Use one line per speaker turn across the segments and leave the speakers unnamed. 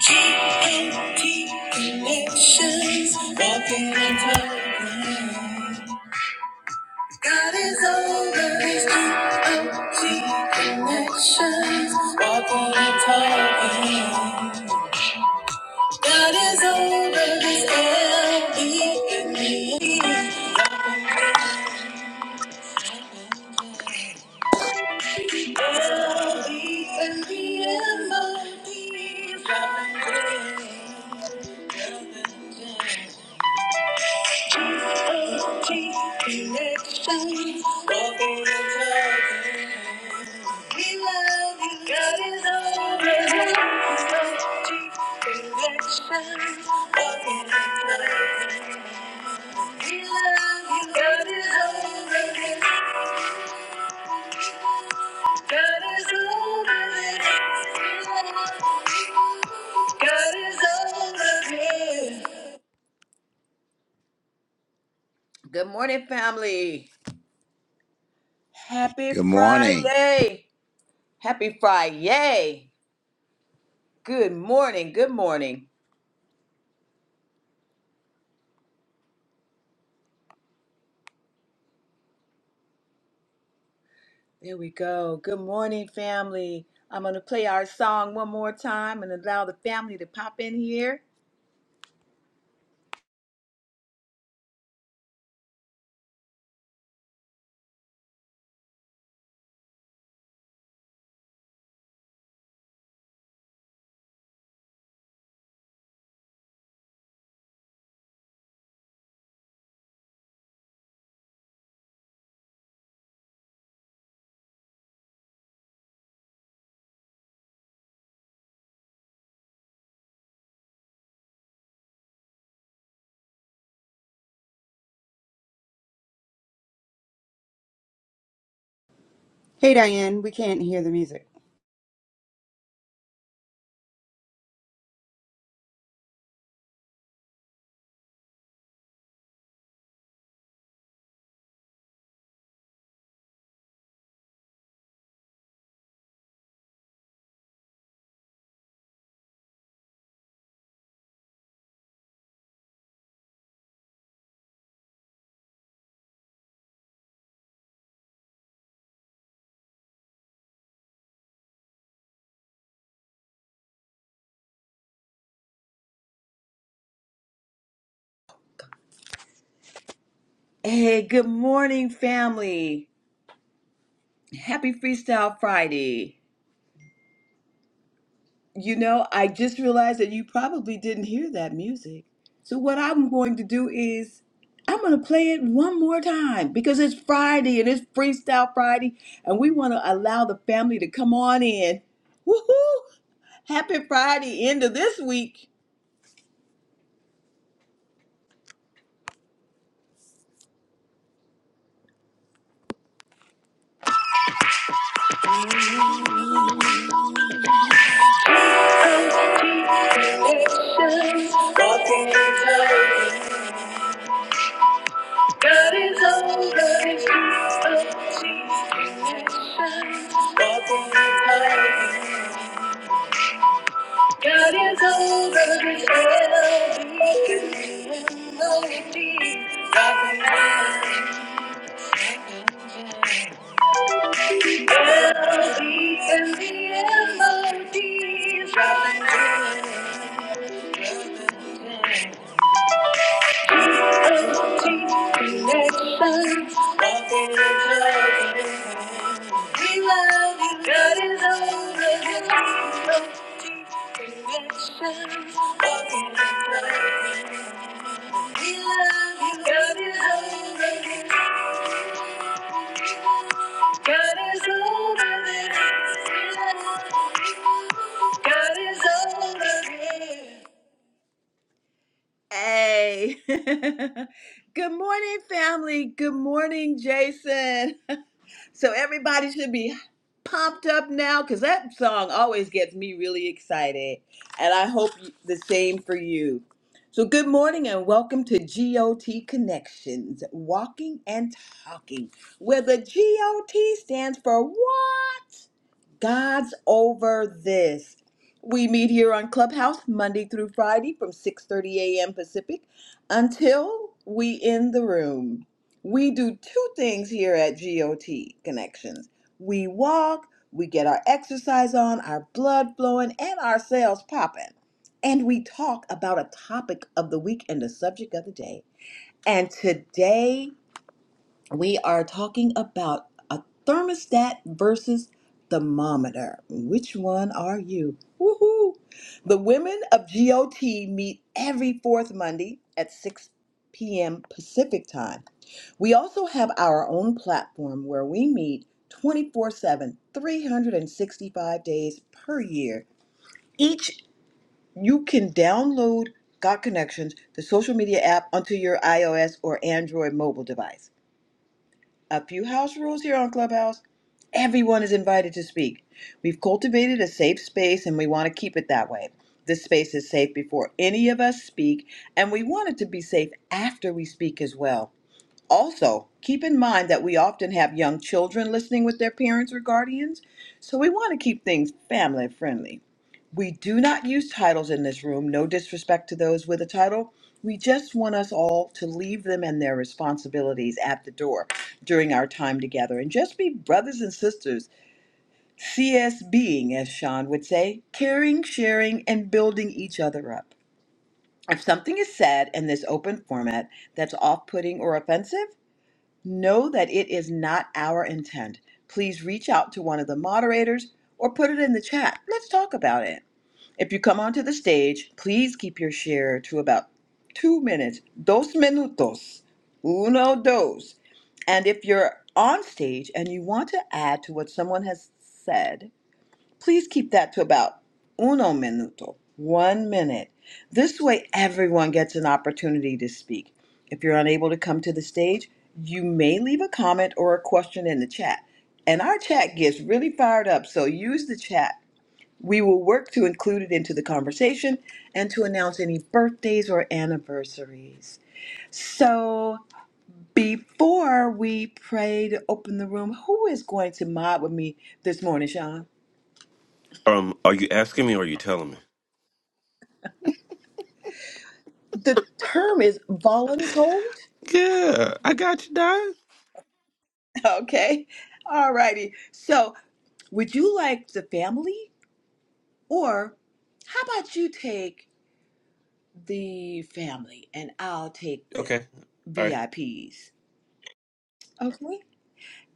G-A-T connections, walking in progress. God is over these G-O-T connections, walking in progress. God is over these L-E-E-E, L-E-E-M-O-Ds, Good morning, family. Happy
Good morning.
Friday. Happy Friday. Good morning. Good morning. There we go. Good morning, family. I'm going to play our song one more time and allow the family to pop in here.
Hey Diane, we can't hear the music.
Hey, good morning, family. Happy Freestyle Friday. You know, I just realized that you probably didn't hear that music. So, what I'm going to do is I'm going to play it one more time because it's Friday and it's Freestyle Friday, and we want to allow the family to come on in. Woohoo! Happy Friday, end of this week. God is over. God is over this. Hey, good morning, family. Good morning, Jason. So, everybody should be pumped up now because that song always gets me really excited. And I hope y- the same for you. So, good morning and welcome to GOT Connections Walking and Talking, where the GOT stands for what? God's over this. We meet here on Clubhouse Monday through Friday from 6:30 a.m. Pacific until we end the room. We do two things here at GOT Connections. We walk, we get our exercise on, our blood flowing, and our cells popping. And we talk about a topic of the week and the subject of the day. And today we are talking about a thermostat versus thermometer. Which one are you? Woohoo! The women of GOT meet every fourth Monday at 6 p.m. Pacific time. We also have our own platform where we meet 24 7, 365 days per year. Each, you can download Got Connections, the social media app, onto your iOS or Android mobile device a few house rules here on Clubhouse. Everyone is invited to speak. We've cultivated a safe space and we want to keep it that way. This space is safe before any of us speak, and we want it to be safe after we speak as well. Also, keep in mind that we often have young children listening with their parents or guardians, so we want to keep things family friendly. We do not use titles in this room, no disrespect to those with a title. We just want us all to leave them and their responsibilities at the door during our time together and just be brothers and sisters, CS being, as Sean would say, caring, sharing, and building each other up. If something is said in this open format that's off putting or offensive, Know that it is not our intent. Please reach out to one of the moderators or put it in the chat. Let's talk about it. If you come onto the stage, please keep your share to about two minutes. Dos minutos. Uno, dos. And if you're on stage and you want to add to what someone has said, Please keep that to about uno minuto, one minute. This way, everyone gets an opportunity to speak. If you're unable to come to the stage, you may leave a comment or a question in the chat. And our chat gets really fired up, so use the chat. We will work to include it into the conversation and to announce any birthdays or anniversaries. So, before we pray to open the room, who is going to mod with me this morning, Sean?
Um, are you asking me or are you telling me?
the term is voluntold.
Yeah, I got you, Don.
Okay. All righty. So, would you like the family or how about you take the family and I'll take the
Okay. All right.
VIPs? Okay.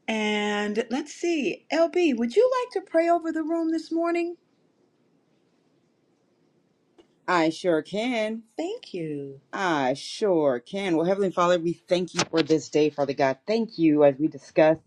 And let's see. LB, would you like to pray over the room this morning?
I sure can.
Thank you.
I sure can. Well, Heavenly Father, we thank you for this day, Father God. Thank you as we discuss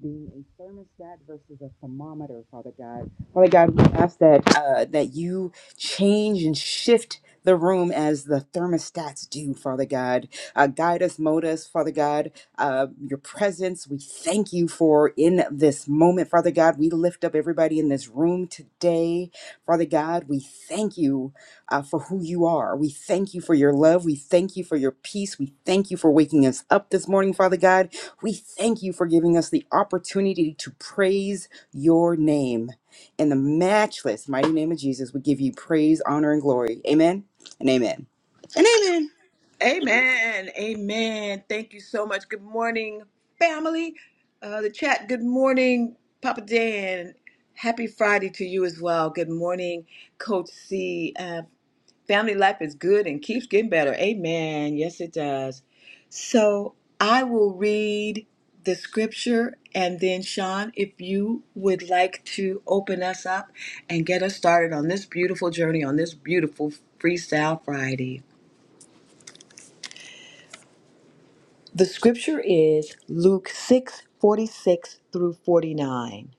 being a thermostat versus a thermometer, Father God. Father God, we ask that uh, that you change and shift the room as the thermostats do, Father God. Uh, guide us, mold us, Father God. Uh, your presence, we thank you for in this moment, Father God. We lift up everybody in this room today, Father God. We thank you uh, for who you are. We thank you for your love. We thank you for your peace. We thank you for waking us up this morning, Father God. We thank you for giving us the opportunity to praise your name. In the matchless mighty name of Jesus, we give you praise, honor, and glory. Amen and amen and amen.
Amen. Amen. Thank you so much. Good morning, family. Uh, the chat, good morning, Papa Dan. Happy Friday to you as well. Good morning, Coach C. Uh, family life is good and keeps getting better. Amen. Yes, it does. So I will read the scripture and then, Sean, if you would like to open us up and get us started on this beautiful journey, on this beautiful Freestyle Friday. The scripture is Luke 6 46 through 49.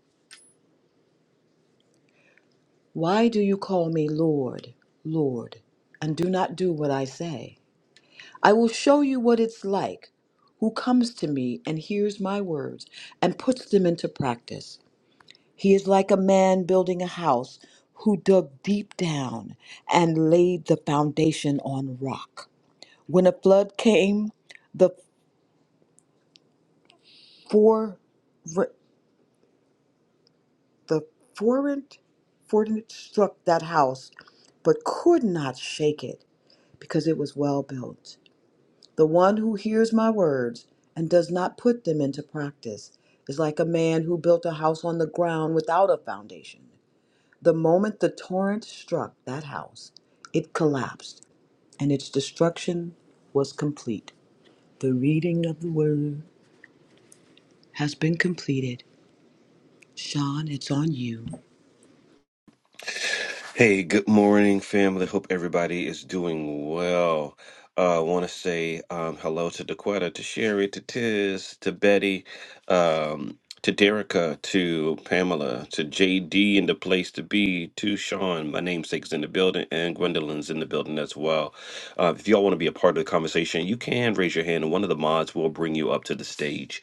Why do you call me Lord, Lord, and do not do what I say? I will show you what it's like who comes to me and hears my words and puts them into practice. He is like a man building a house who dug deep down and laid the foundation on rock. When a flood came, the four The foreign fortitude struck that house, but could not shake it, because it was well built. The one who hears my words and does not put them into practice is like a man who built a house on the ground without a foundation. The moment the torrent struck that house, it collapsed, and its destruction was complete. The reading of the word has been completed. Sean, it's on you.
Hey, good morning, family. Hope everybody is doing well. Uh, I want to say um, hello to Daquetta, to Sherry, to Tiz, to Betty, um, to Derica, to Pamela, to JD in the place to be, to Sean, my namesake's in the building, and Gwendolyn's in the building as well. Uh, if y'all want to be a part of the conversation, you can raise your hand, and one of the mods will bring you up to the stage.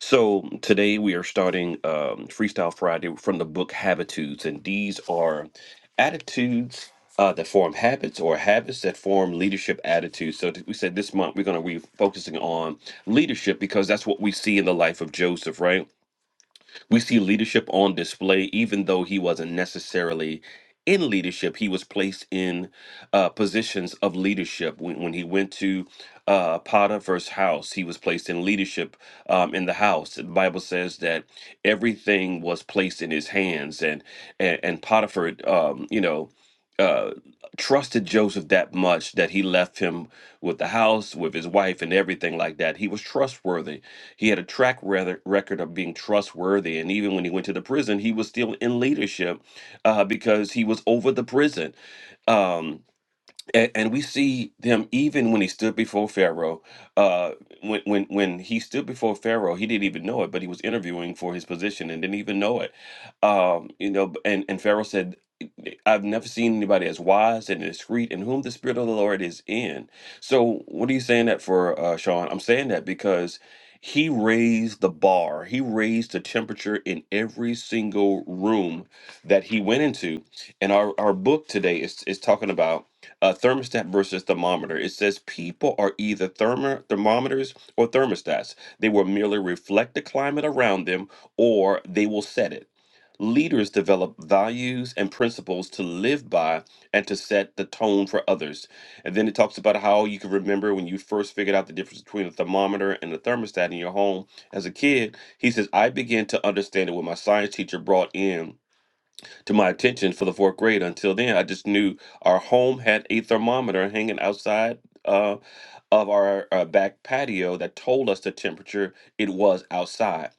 So today we are starting um, Freestyle Friday from the book Habitudes, and these are attitudes uh, that form habits or habits that form leadership attitudes. So th- we said this month we're going to be focusing on leadership because that's what we see in the life of Joseph, right? We see leadership on display, even though he wasn't necessarily in leadership. He was placed in uh, positions of leadership. When, when he went to uh, Potiphar's house, he was placed in leadership um, in the house. The Bible says that everything was placed in his hands, and and, and Potiphar, um, you know. Uh, trusted Joseph that much that he left him with the house, with his wife, and everything like that. He was trustworthy. He had a track rather, record of being trustworthy, and even when he went to the prison, he was still in leadership uh, because he was over the prison. Um, and, and we see them even when he stood before Pharaoh. Uh, when when when he stood before Pharaoh, he didn't even know it, but he was interviewing for his position and didn't even know it. Um, you know, b- and and Pharaoh said. I, I've never seen anybody as wise and discreet in whom the Spirit of the Lord is in. So, what are you saying that for, uh, Sean? I'm saying that because he raised the bar, he raised the temperature in every single room that he went into. And our, our book today is, is talking about uh, thermostat versus thermometer. It says people are either thermo- thermometers or thermostats, they will merely reflect the climate around them or they will set it. Leaders develop values and principles to live by and to set the tone for others. And then it talks about how you can remember when you first figured out the difference between a thermometer and a thermostat in your home as a kid. He says, I began to understand it when my science teacher brought in to my attention for the fourth grade. Until then, I just knew our home had a thermometer hanging outside. Uh, of our uh, back patio that told us the temperature it was outside.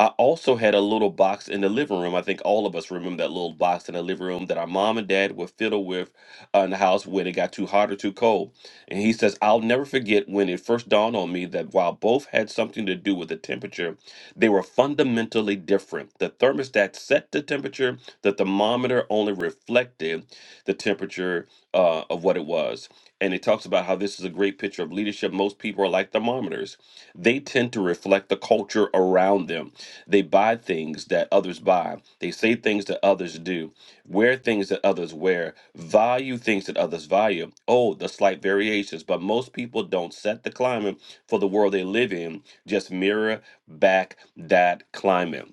I also had a little box in the living room. I think all of us remember that little box in the living room that our mom and dad would fiddle with uh, in the house when it got too hot or too cold. And he says, I'll never forget when it first dawned on me that while both had something to do with the temperature, they were fundamentally different. The thermostat set the temperature, the thermometer only reflected the temperature uh, of what it was and it talks about how this is a great picture of leadership. Most people are like thermometers. They tend to reflect the culture around them. They buy things that others buy. They say things that others do, wear things that others wear, value things that others value. Oh, the slight variations, but most people don't set the climate for the world they live in, just mirror back that climate.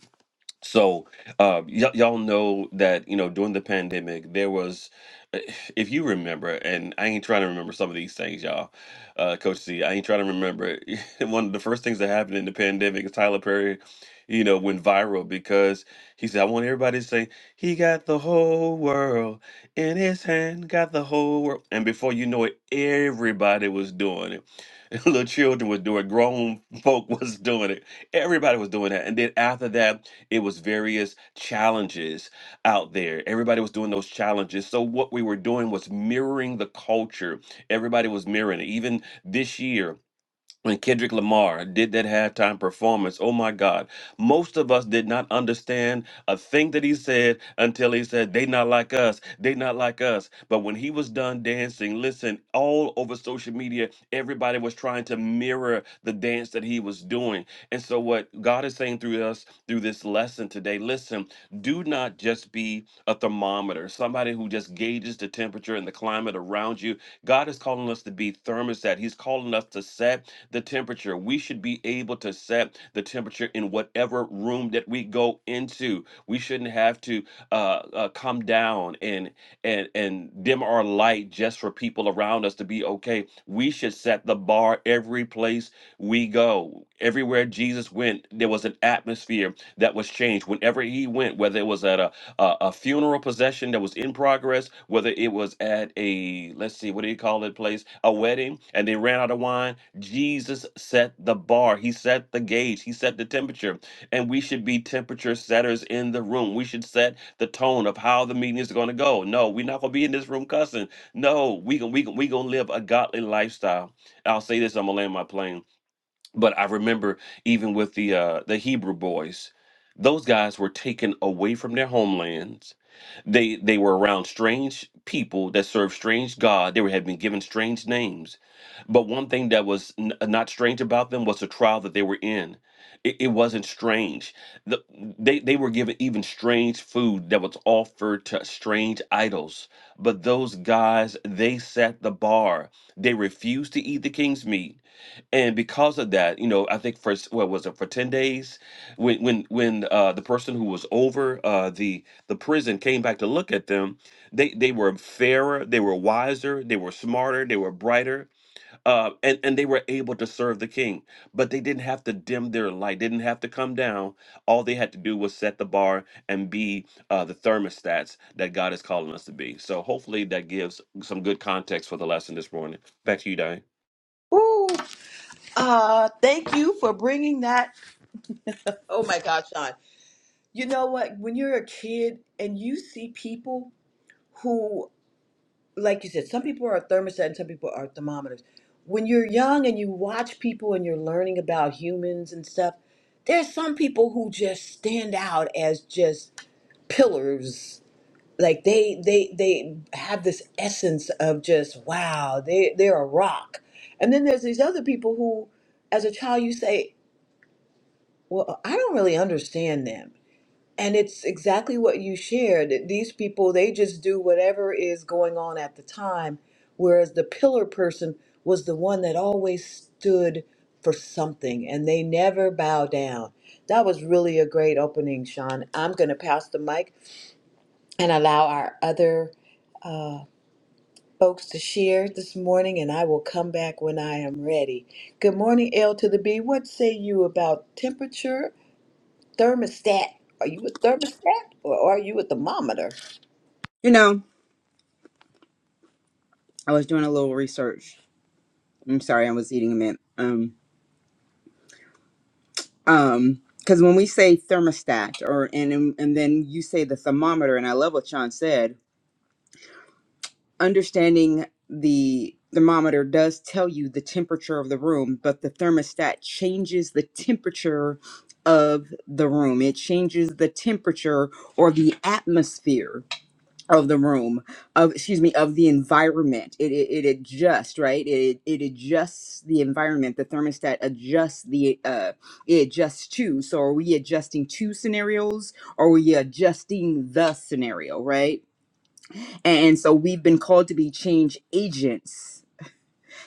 So, uh, y- y'all know that, you know, during the pandemic, there was, eh, if you remember, and I ain't trying to remember some of these things, y'all. Uh, Coach C, I ain't trying to remember. One of the first things that happened in the pandemic is Tyler Perry, you know, went viral because he said, I want everybody to say, he got the whole world in his hand, got the whole world. And before you know it, everybody was doing it. Little children was doing it, grown folk was doing it. Everybody was doing that. And then after that, it was various challenges out there. Everybody was doing those challenges. So what we were doing was mirroring the culture. Everybody was mirroring it. Even this year, when Kendrick Lamar did that halftime performance, oh my God, most of us did not understand a thing that he said until he said, They not like us, they not like us. But when he was done dancing, listen, all over social media, everybody was trying to mirror the dance that he was doing. And so, what God is saying through us through this lesson today, listen, do not just be a thermometer, somebody who just gauges the temperature and the climate around you. God is calling us to be thermostat, He's calling us to set the temperature. We should be able to set the temperature in whatever room that we go into. We shouldn't have to uh, uh, come down and and and dim our light just for people around us to be okay. We should set the bar every place we go. Everywhere Jesus went, there was an atmosphere that was changed. Whenever he went, whether it was at a a, a funeral procession that was in progress, whether it was at a let's see, what do you call it place, a wedding, and they ran out of wine Jesus set the bar, he set the gauge, he set the temperature, and we should be temperature setters in the room. We should set the tone of how the meeting is going to go. No, we're not going to be in this room cussing. No, we going we, gon- we going to live a godly lifestyle. I'll say this, I'm going to land my plane but I remember even with the uh, the Hebrew boys, those guys were taken away from their homelands. They they were around strange people that served strange God. They were, had been given strange names, but one thing that was n- uh, not strange about them was the trial that they were in. It, it wasn't strange. The, they they were given even strange food that was offered to strange idols. But those guys they set the bar. They refused to eat the king's meat and because of that, you know, I think for s- what was it for ten days, when when when uh, the person who was over uh, the the prison came back to look at them, they they were fairer, they were wiser, they were smarter, they were brighter, uh, and and they were able to serve the king. But they didn't have to dim their light, didn't have to come down. All they had to do was set the bar and be uh, the thermostats that God is calling us to be. So hopefully that gives some good context for the lesson this morning. Back to you, Diane.
Ooh, uh, thank you for bringing that Oh my gosh, Sean. You know what? When you're a kid and you see people who, like you said, some people are thermostat and some people are thermometers. When you're young and you watch people and you're learning about humans and stuff, there's some people who just stand out as just pillars. Like they they they have this essence of just wow, they they're a rock. And then there's these other people who, as a child, you say, well, I don't really understand them And it's exactly what you shared. that These people, they just do whatever is going on at the time, whereas the pillar person was the one that always stood for something and they never bow down. That was really a great opening, Sean. I'm going to pass the mic and allow our other uh, folks to share this morning, and I will come back when I am ready. Good morning, L to the B. What say you about temperature thermostat. Are you a thermostat or are you a thermometer?
You know, I was doing a little research. I'm sorry, I was eating a mint. Um, um, because when we say thermostat, or and and and then you say the thermometer, and I love what Sean said understanding the thermometer does tell you the temperature of the room, but the thermostat changes the temperature of the room. It changes the temperature or the atmosphere of the room, of excuse me, of the environment. It it, it adjusts, right? It it adjusts the environment. The thermostat adjusts the uh it adjusts to. So are we adjusting two scenarios or are we adjusting the scenario, right? And so we've been called to be change agents,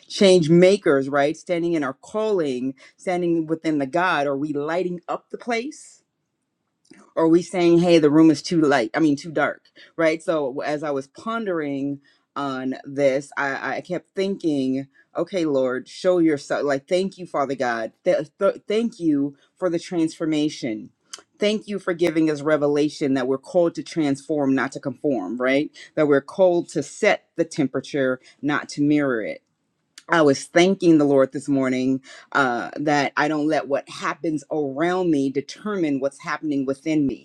change makers, right? Standing in our calling, standing within the God. Are we lighting up the place? are we saying hey the room is too light i mean too dark right so as i was pondering on this i i kept thinking okay lord show yourself like thank you father god Th- th- thank you for the transformation thank you for giving us revelation that we're called to transform not to conform right that we're called to set the temperature not to mirror it i was thanking the lord this morning uh, that I don't let what happens around me determine what's happening within me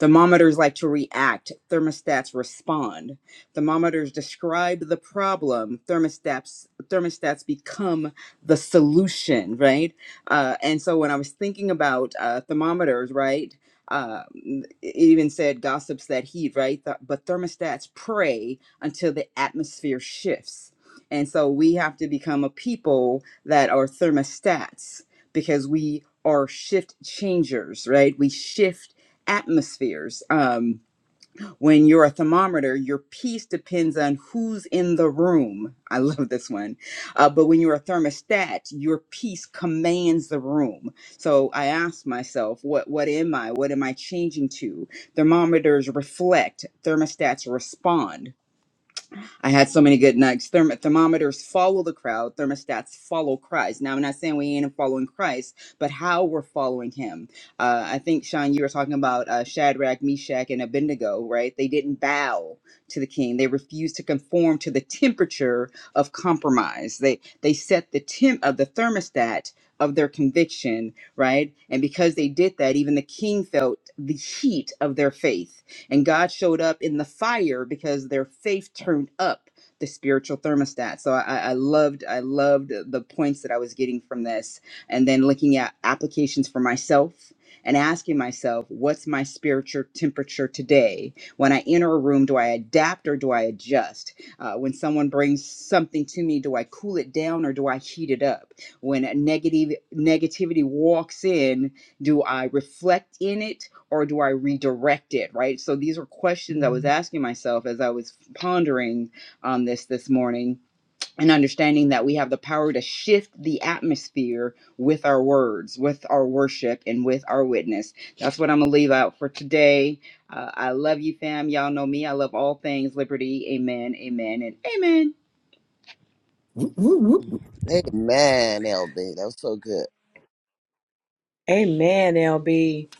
Thermometers like to react, thermostats respond. Thermometers describe the problem, thermostats thermostats become the solution, right? Uh, and so when I was thinking about uh, thermometers, right? Uh, it even said gossips that heat, right? Th- but thermostats pray until the atmosphere shifts. And so we have to become a people that are thermostats because we are shift changers, right? We shift atmospheres. Um, when you're a thermometer, your piece depends on who's in the room. I love this one. Uh, but when you're a thermostat, your piece commands the room. So I asked myself, what what am I? What am I changing to? Thermometers reflect, thermostats respond. I had so many good nuggets. Therm- thermometers follow the crowd. Thermostats follow Christ. Now, I'm not saying we ain't following Christ, but how we're following him. Uh, I think, Sean, you were talking about uh, Shadrach, Meshach, and Abednego, right? They didn't bow to the king. They refused to conform to the temperature of compromise. They they set the temp of the thermostat of their conviction, right? And because they did that, even the king felt the heat of their faith and God showed up in the fire because their faith turned up the spiritual thermostat. So I, I loved, I loved the points that I was getting from this. And then looking at applications for myself and asking myself, what's my spiritual temperature today? When I enter a room, do I adapt or do I adjust? Uh, when someone brings something to me, do I cool it down or do I heat it up? When a negative negativity walks in, do I reflect in it or do I redirect it? Right. So these are questions I was asking myself as I was pondering on this this morning and understanding that we have the power to shift the atmosphere with our words, with our worship, and with our witness. That's what I'm going to leave out for today. Uh, I love you, fam. Y'all know me. I love all things liberty. Amen, amen, and amen.
Whoop, whoop, whoop.
Amen, LB. That was so good.
Amen, LB.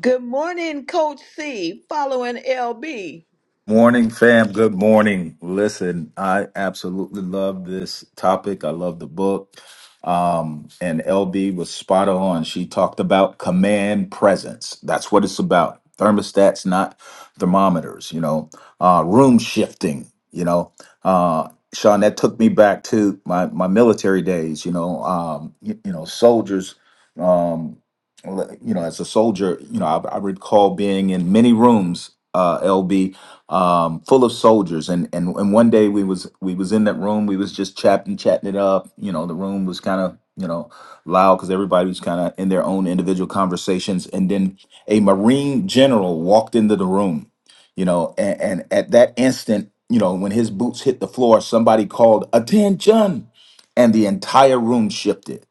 Good morning, Coach C, following LB.
Morning, fam. Good morning. Listen, I absolutely love this topic. I love the book. Um, and LB was spot on. She talked about command presence. That's what it's about. Thermostats, not thermometers, you know, uh, room shifting, you know. Uh, Sean, that took me back to my, my military days, you know, um, you, you know, soldiers, um, you know, as a soldier, you know, I, I recall being in many rooms, uh, LB, um, full of soldiers. And, and and one day we was we was in that room. We was just chatting chatting it up. You know, the room was kind of you know loud because everybody was kind of in their own individual conversations. And then a Marine general walked into the room. You know, and, and at that instant, you know, when his boots hit the floor, somebody called attention, and the entire room shifted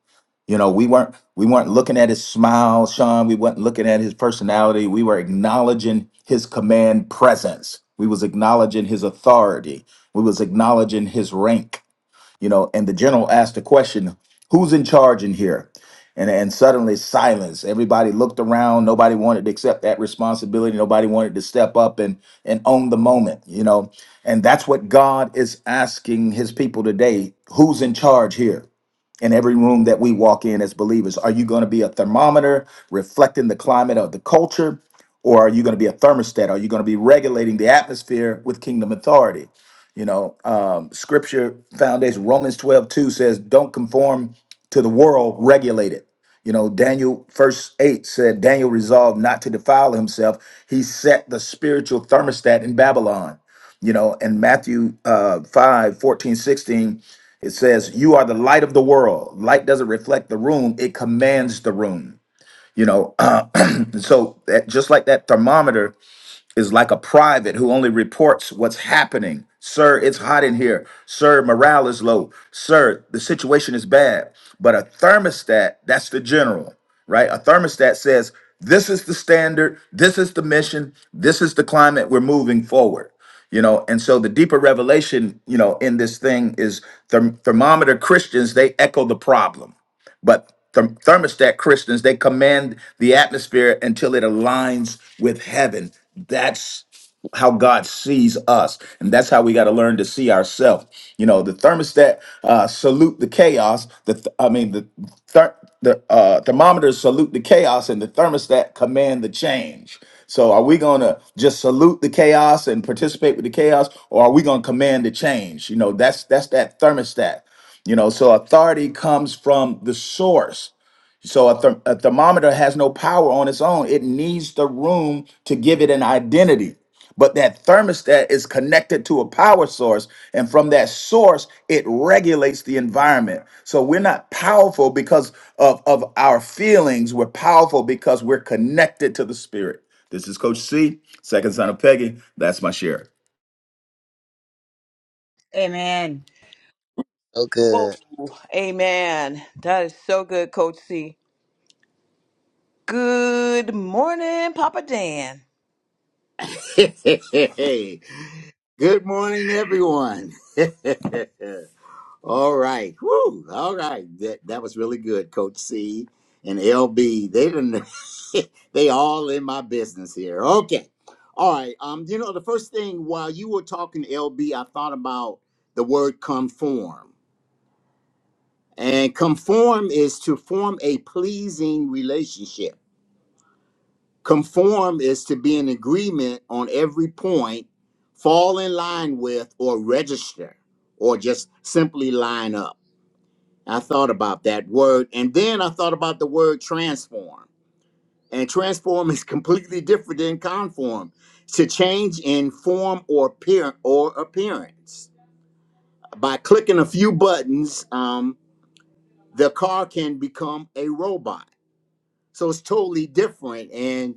you know, we weren't we weren't looking at his smile, Sean. We weren't looking at his personality. We were acknowledging his command presence. We was acknowledging his authority. We was acknowledging his rank. You know, and the general asked the question, "Who's in charge in here?" And and suddenly silence. Everybody looked around. Nobody wanted to accept that responsibility. Nobody wanted to step up and and own the moment. You know, and that's what God is asking His people today: Who's in charge here? in every room that we walk in as believers? Are you going to be a thermometer reflecting the climate of the culture? Or are you going to be a thermostat? Are you going to be regulating the atmosphere with kingdom authority? You know, um, scripture foundation, Romans 12 2 says, Don't conform to the world, regulate it. You know, Daniel, verse 8 said, Daniel resolved not to defile himself. He set the spiritual thermostat in Babylon you know, and Matthew uh, 5, fourteen, sixteen it says, You are the light of the world. Light doesn't reflect the room, it commands the room. You know, so that, just like that thermometer is like a private who only reports what's happening. Sir, it's hot in here. Sir, morale is low. Sir, the situation is bad. But a thermostat, that's the general, right? A thermostat says, this is the standard, this is the mission, this is the climate we're moving forward. You know, and so the deeper revelation, you know, in this thing is therm- thermometer Christians, they echo the problem but therm- thermostat Christians, they command the atmosphere until it aligns with heaven. That's how God sees us. And that's how we got to learn to see ourselves. You know, the thermostat uh, salute the chaos. The th- I mean, the ther- the uh, thermometers salute the chaos, and the thermostat command the change. So, are we going to just salute the chaos and participate with the chaos, or are we going to command the change? You know, that's that's that thermostat. You know, so authority comes from the source. So a, therm- a thermometer has no power on its own. It needs the room to give it an identity. But that thermostat is connected to a power source. And from that source, it regulates the environment. So we're not powerful because of, of our feelings. We're powerful because we're connected to the spirit. This is Coach C, second son of Peggy. That's my share.
Amen.
So
Whoa,
good.
amen. That is so good, Coach C. Good morning, Papa Dan.
Good morning, everyone. all right. Woo. All right. That that was really good, Coach C and LB. They didn't they all in my business here. Okay. All right. Um, you know, the first thing while you were talking, LB, I thought about the word conform. And conform is to form a pleasing relationship Conform is to be in agreement on every point, fall in line with, or register, or just simply line up. I thought about that word. And then I thought about the word transform. And transform is completely different than conform to change in form or, appear- or appearance. By clicking a few buttons, um, the car can become a robot. So it's totally different. and.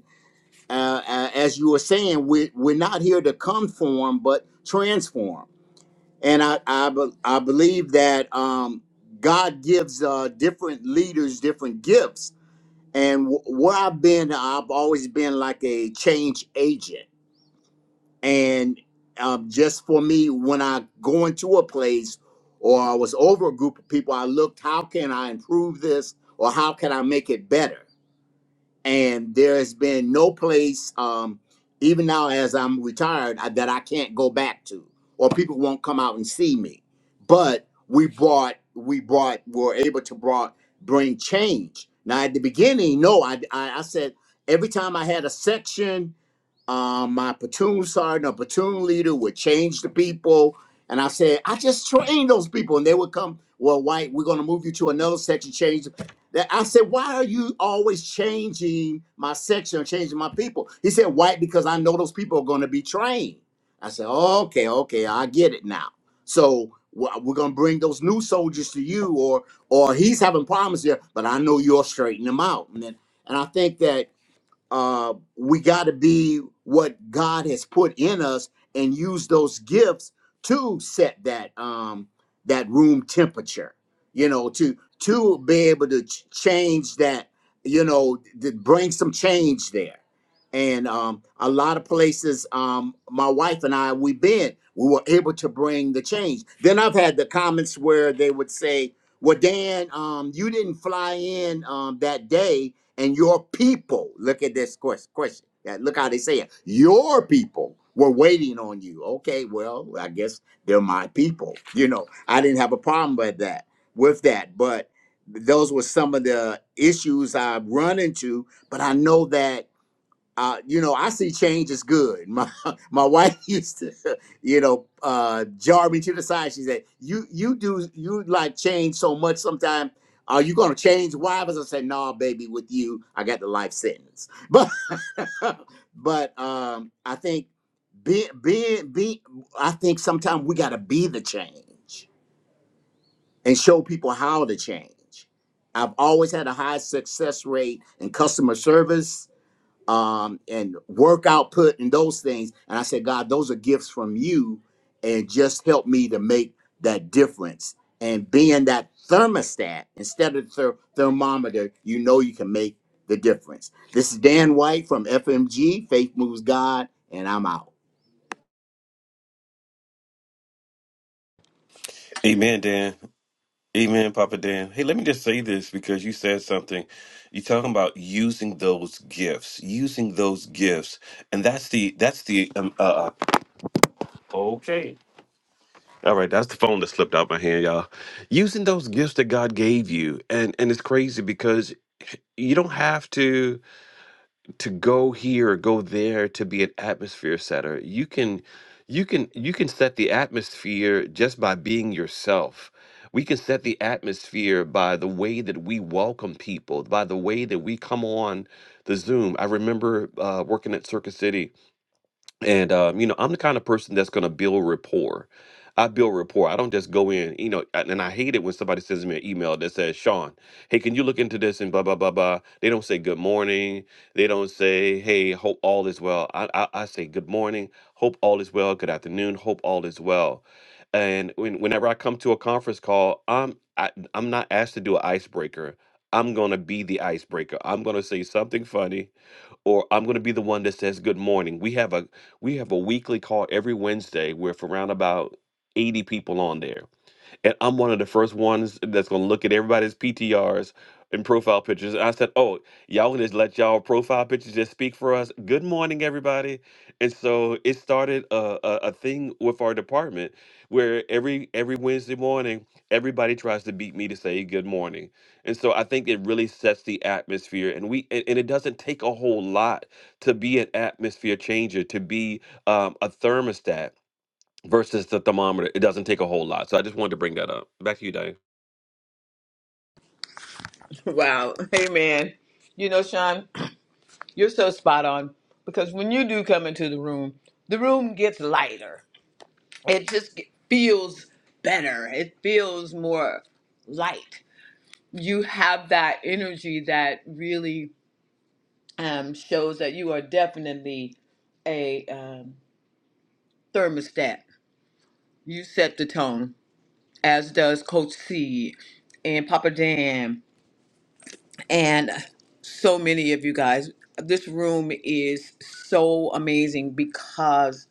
uh, uh, as you were saying, we, we're not here to conform, but transform. And I, I, be- I believe that um, God gives uh, different leaders different gifts. And wh- where I've been, I've always been like a change agent. And um, just for me, when I go into a place or I was over a group of people, I looked, how can I improve this or how can I make it better? and there has been no place um, even now as i'm retired I, that i can't go back to or people won't come out and see me but we brought we brought were able to brought bring change now at the beginning no i i, I said every time i had a section um, my platoon sergeant a platoon leader would change the people. And I said, I just trained those people. And they would come, well, White, we're going to move you to another section, change. That I said, why are you always changing my section or changing my people? He said, White, because I know those people are going to be trained. I said, okay, okay, I get it now. So we're going to bring those new soldiers to you or or he's having problems here, but I know you are straightening them out. And, then, and I think that uh, we got to be what God has put in us and use those gifts to set that um, that room temperature. You know, to to be able to ch- change that. You know, to bring some change there. And um, a lot of places, um, my wife and I, we've been, we were able to bring the change. Then I've had the comments where they would say, "Well, Dan, um, you didn't fly in um, that day." and your people look at this quest- question Yeah, look how they say it your people were waiting on you okay well i guess they're my people you know i didn't have a problem with that with that but those were some of the issues i've run into but i know that uh, you know, I see change is good. My my wife used to, you know, uh, jar me to the side. She said, "You you do you like change so much? Sometimes are you gonna change wives?" I said, "Nah, baby. With you, I got the life sentence." But but um, I think being being be I think sometimes we gotta be the change and show people how to change. I've always had a high success rate in customer service um, and work output and those things. And I said, God, those are gifts from you, and just help me to make that difference. And being that thermostat instead of the thermometer, you know you can make the difference. This is Dan White from FMG, Faith Moves God, and I'm out.
Amen, Dan. Amen, Papa Dan. Hey, let me just say this because you said something. You're talking about using those gifts, using those gifts, and that's the that's the um, uh, uh, okay. All right, that's the phone that slipped out my hand, y'all. Using those gifts that God gave you, and and it's crazy because you don't have to. to go here or go there to be an atmosphere setter you can you can you can set the atmosphere just by being yourself we can set the atmosphere by the way that we welcome people by the way that we come on the zoom i remember uh, working at circus city and um, you know, I'm the kind of person that's gonna build rapport. I build rapport. I don't just go in, you know, and and I hate it when somebody sends me an email that says, Sean, hey, can you look into this and blah blah blah blah. They don't say good morning. They don't say, hey, hope all is well. I I, I say good morning, hope all is well, good afternoon, hope all is well. And when, whenever I come to a conference call, I'm I, I'm not asked to do an icebreaker. I'm gonna be the icebreaker. I'm gonna say something funny or I'm going to be the one that says good morning. We have a we have a weekly call every Wednesday with around about 80 people on there and I'm one of the first ones that's gonna look at everybody's PTRs and profile pictures. And I said, "Oh, y'all gonna just let y'all profile pictures just speak for us." Good morning, everybody. And so it started a, a, a thing with our department where every every Wednesday morning, everybody tries to beat me to say good morning. And so I think it really sets the atmosphere, and we and, and it doesn't take a whole lot to be an atmosphere changer, to be um, a thermostat versus the thermometer. It doesn't take a whole lot. So I just wanted to bring that up. Back to you, Dave.
Wow, amen. You know, Sean, you're so spot on because when you do come into the room, the room gets lighter. It just ge- feels better, it feels more light. you have that energy that really um, shows that you are definitely a um, thermostat. You set the tone, as does Coach C and Papa Dan and so many of you guys. This room is so amazing because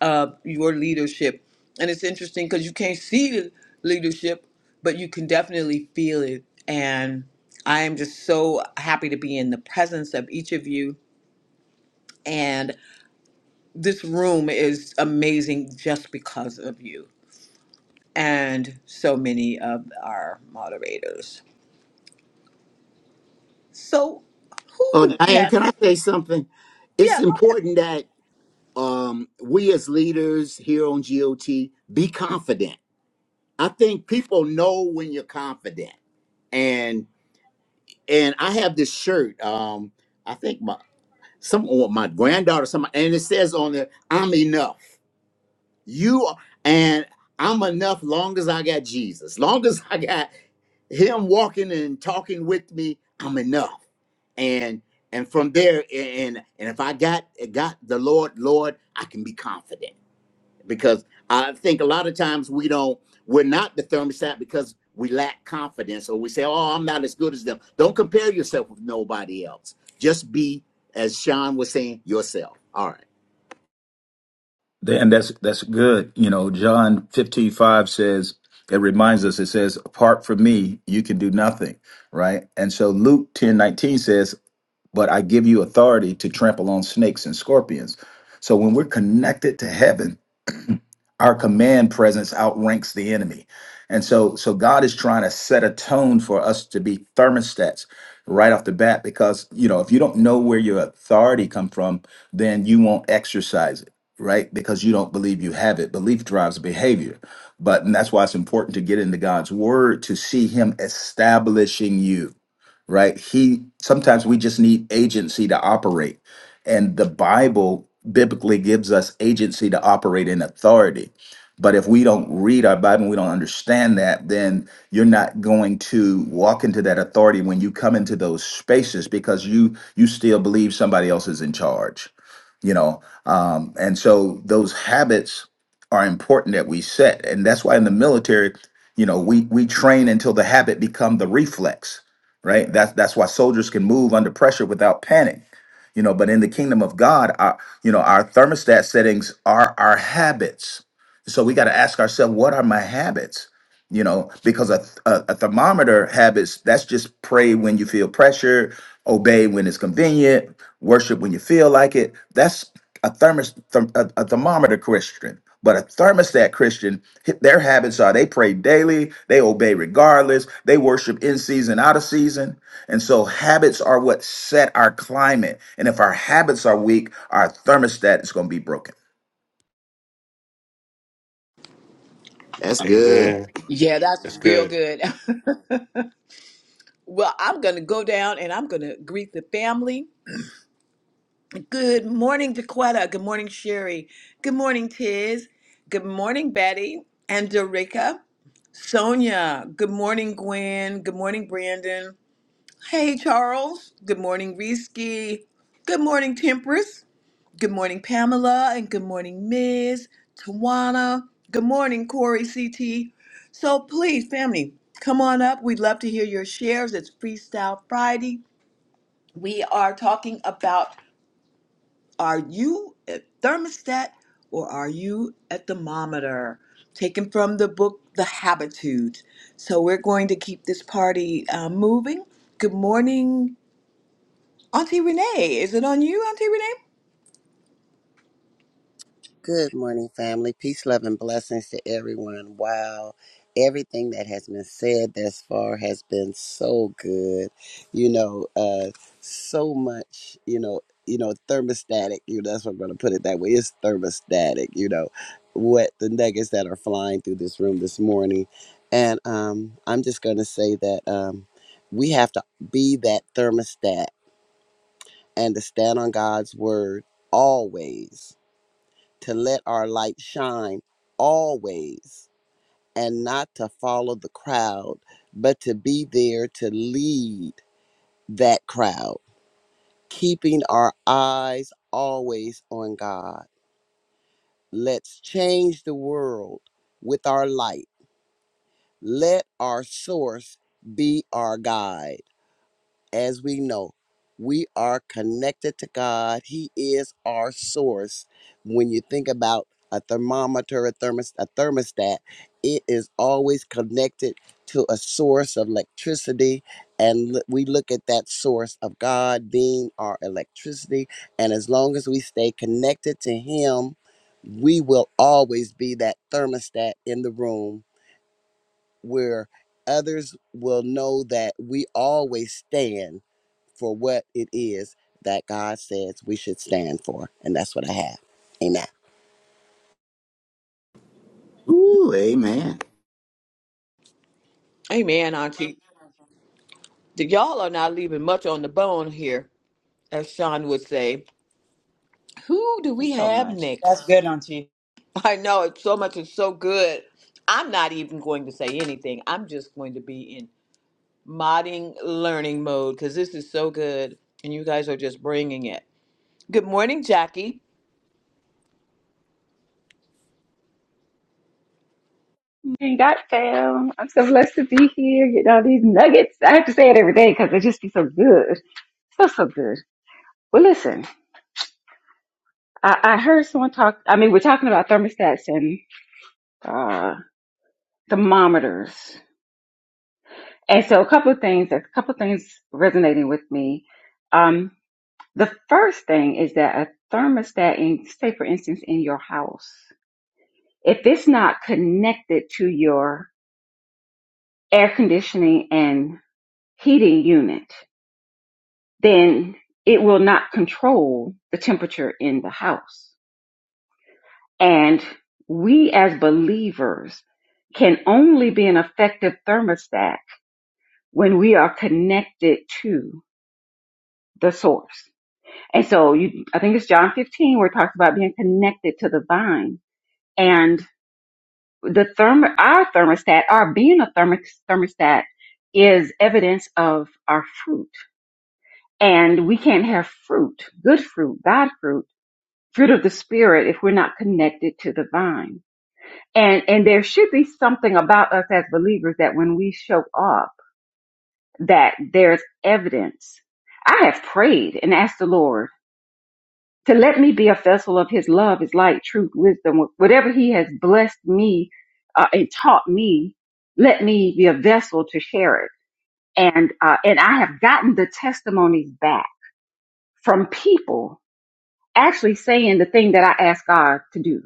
uh, your leadership. And it's interesting because you can't see the leadership, but you can definitely feel it. And I am just so happy to be in the presence of each of you. And this room is amazing just because of you and so many of our moderators. So, who
Oh,
do we
Diane,
have?
can I
next?
say something? It's
Yeah, go ahead.
important that um, we as leaders here on GOT be confident. I think people know when you're confident and and I have this shirt. Um, I think my some or my granddaughter, some, and it says on there, "I'm enough." You are, and I'm enough. Long as I got Jesus, long as I got Him walking and talking with me, I'm enough. And and from there, and and if I got got the Lord, Lord, I can be confident because I think a lot of times we don't we're not the thermostat because we lack confidence or we say, "Oh, I'm not as good as them." Don't compare yourself with nobody else. Just be, as Sean was saying, yourself. All right,
Th- And that's that's good. You know, John fifteen five says, it reminds us, it says, apart from me, you can do nothing, right? And so Luke ten nineteen says, but I give you authority to trample on snakes and scorpions. So when we're connected to heaven, our command presence outranks the enemy and so so god is trying to set a tone for us to be thermostats right off the bat because you know if you don't know where your authority come from then you won't exercise it right because you don't believe you have it belief drives behavior but and that's why it's important to get into god's word to see him establishing you right? He sometimes we just need agency to operate. And the Bible biblically gives us agency to operate in authority. But if we don't read our Bible and we don't understand that, then you're not going to walk into that authority when you come into those spaces because you you still believe somebody else is in charge, you know. Um, and so those habits are important that we set, and that's why in the military, you know, we we train until the habit become the reflex right? That's that's why soldiers can move under pressure without panic. You know, but in the kingdom of God, our you know, our thermostat settings are our habits. So we got to ask ourselves, what are my habits? You know, because a, a, a thermometer habits, that's just pray when you feel pressure, obey when it's convenient, worship when you feel like it. That's a thermos therm, a, a thermometer Christian, but a thermostat Christian, hi- their habits are they pray daily, they obey regardless, they worship in season, out of season. And so habits are what set our climate. And if our habits are weak, our thermostat is going to be broken.
that's
Hey
good.
man,
yeah, that's
that's
real
good.
good. well, I'm going to go down and I'm going to greet the family Good morning, Dequetta. Good morning, Sherry. Good morning, Tiz. Good morning, Betty and Dorica. Sonia. Good morning, Gwen. Good morning, Brandon. Hey, Charles. Good morning, Risky. Good morning, Temperance. Good morning, Pamela. And good morning, Ms. Tawana. Good morning, Corey CT. So please, family, come on up. We'd love to hear your shares. It's Freestyle Friday. We are talking about are you at thermostat or are you a thermometer? Taken from the book The Habitudes. So we're going to keep this party uh, moving. Good morning, Auntie Renee. Is it on you, Auntie Renee?
Good morning, family. Peace, love, and blessings to everyone. Wow. Everything that has been said thus far has been so good. You know, uh, so much, you know, you know, thermostatic, you know, that's what I'm gonna put it that way. It's thermostatic, you know, what the nuggets that are flying through this room this morning. And um, I'm just gonna say that um we have to be that thermostat and to stand on God's word always, to let our light shine always, and not to follow the crowd, but to be there to lead that crowd, keeping our eyes always on God. Let's change the world with our light. Let our source be our guide. as we know, we are connected to God. He is our source. When you think about a thermometer, a, thermos, a thermostat, it is always connected to a source of electricity. And l- we look at that source of God being our electricity. And as long as we stay connected to Him, we will always be that thermostat in the room where others will know that we always stand for what it is that God says we should stand for. And that's what I have. Amen.
Ooh, amen,
Amen, Auntie. The, y'all are not leaving much on the bone here, as Sean would say. Who do we
Thanks so
have
much. That's
next?
good, Auntie.
I know it's so much is so good. I'm not even going to say anything. I'm just going to be in. modding learning mode because this is so good and you guys are just bringing it. Good morning, Jackie.
Thank God, fam. I'm so blessed to be here getting all these nuggets. I have to say it every day because they just be so good. So, so good. Well, listen, I, I heard someone talk. I mean, we're talking about thermostats and uh, thermometers. And so, a couple of things, a couple of things resonating with me. Um, the first thing is that a thermostat, in, say, for instance, in your house, if it's not connected to your air conditioning and heating unit, then it will not control the temperature in the house. And we as believers can only be an effective thermostat when we are connected to the source. And so you, I think it's John 15 where it talks about being connected to the vine and the therm, our thermostat, our being a thermostat is evidence of our fruit and we can't have fruit, good fruit, God fruit fruit of the spirit if we're not connected to the vine. And and there should be something about us as believers that when we show up that there's evidence. I have prayed and asked the Lord to let me be a vessel of his love, his light, truth, wisdom, whatever he has blessed me uh, and taught me, let me be a vessel to share it. And uh, and I have gotten the testimonies back from people actually saying the thing that I asked God to do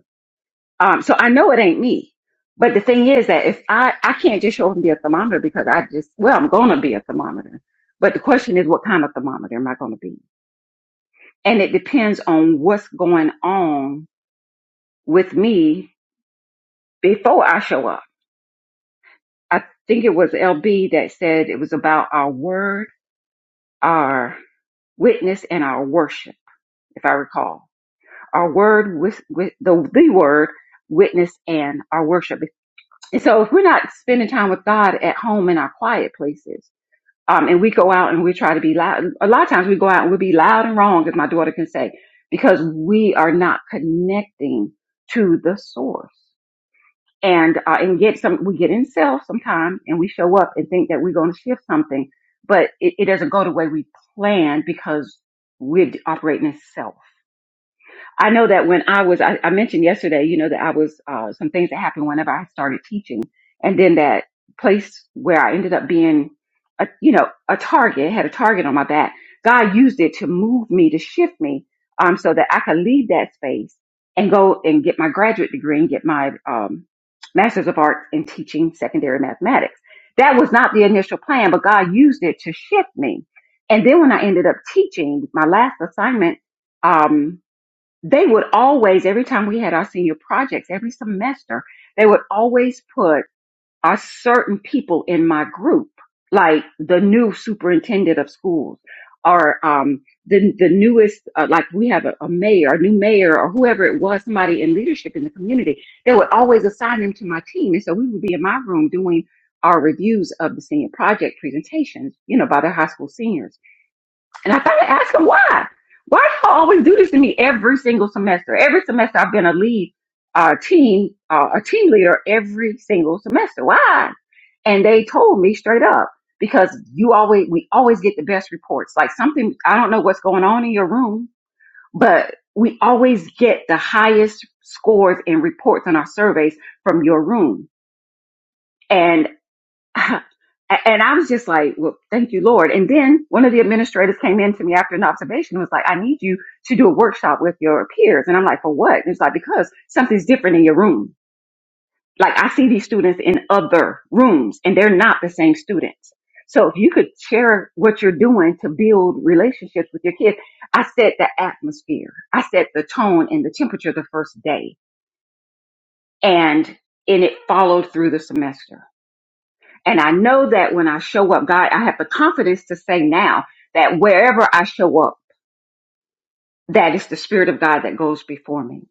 Um, so I know it ain't me. But the thing is that if I, I can't just show up and be a thermometer because I just, well, I'm going to be a thermometer. But the question is, what kind of thermometer am I going to be? And it depends on what's going on with me before I show up. I think it was LB that said it was about our word, our witness, and our worship, if I recall. Our word with, with the, the word, witness, and our worship And so if we're not spending time with God at home in our quiet places, um, and we go out and we try to be loud, a lot of times we go out and we'll be loud and wrong, as my daughter can say, because we are not connecting to the source. And, uh, and get some, we get in self sometimes and we show up and think that we're going to shift something, but it, it doesn't go the way we planned because we're operating in self. I know that when I was, I, I mentioned yesterday, you know, that I was, uh, some things that happened whenever I started teaching. And then that place where I ended up being, a, you know, a target, had a target on my back. God used it to move me, to shift me, um, so that I could leave that space and go and get my graduate degree and get my, um, master's of arts in teaching secondary mathematics. That was not the initial plan, but God used it to shift me. And then when I ended up teaching my last assignment, um, they would always, every time we had our senior projects, every semester, they would always put a certain people in my group, like the new superintendent of schools or um, the, the newest, uh, like we have a, a mayor, a new mayor or whoever it was, somebody in leadership in the community. They would always assign them to my team. And so we would be in my room doing our reviews of the senior project presentations, you know, by the high school seniors. And I started asking why. Why do y'all always do this to me every single semester? Every semester I've been a lead, uh, team, uh, a team leader every single semester. Why? And they told me straight up because you always, we always get the best reports. Like something, I don't know what's going on in your room, but we always get the highest scores and reports on our surveys from your room. And and I was just like, well, thank you, Lord. And then one of the administrators came in to me after an observation and was like, I need you to do a workshop with your peers. And I'm like, for what? And it's like, because something's different in your room. Like I see these students in other rooms and they're not the same students. So if you could share what you're doing to build relationships with your kids, I set the atmosphere. I set the tone and the temperature the first day and, and it followed through the semester. And I know that when I show up, God, I have the confidence to say now that wherever I show up, that is the spirit of God that goes before me.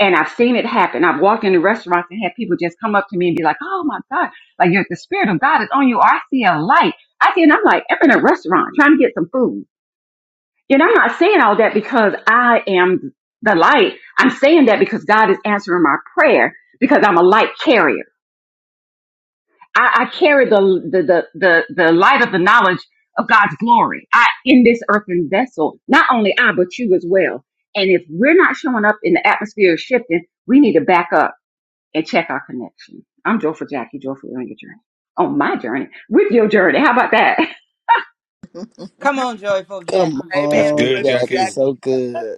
And I've seen it happen. I've walked into restaurants and had people just come up to me and be like, Oh my God, like you're, the spirit of God is on you. Or I see a light. I see, and I'm like, I'm in a restaurant trying to get some food. You know, I'm not saying all that because I am the light. I'm saying that because God is answering my prayer because I'm a light carrier. I, I carry the, the the the the light of the knowledge of God's glory. I in this earthen vessel, not only I but you as well. And if we're not showing up in the atmosphere is shifting, we need to back up and check our connection. I'm Joy for Jackie, Joyful on your journey, on my journey with your journey. How about that?
Come on, joyful
Come
Jackie.
That's
Amen.
on,
good,
Joyful
Jack. It's
Jackie.
so
Jackie.
good.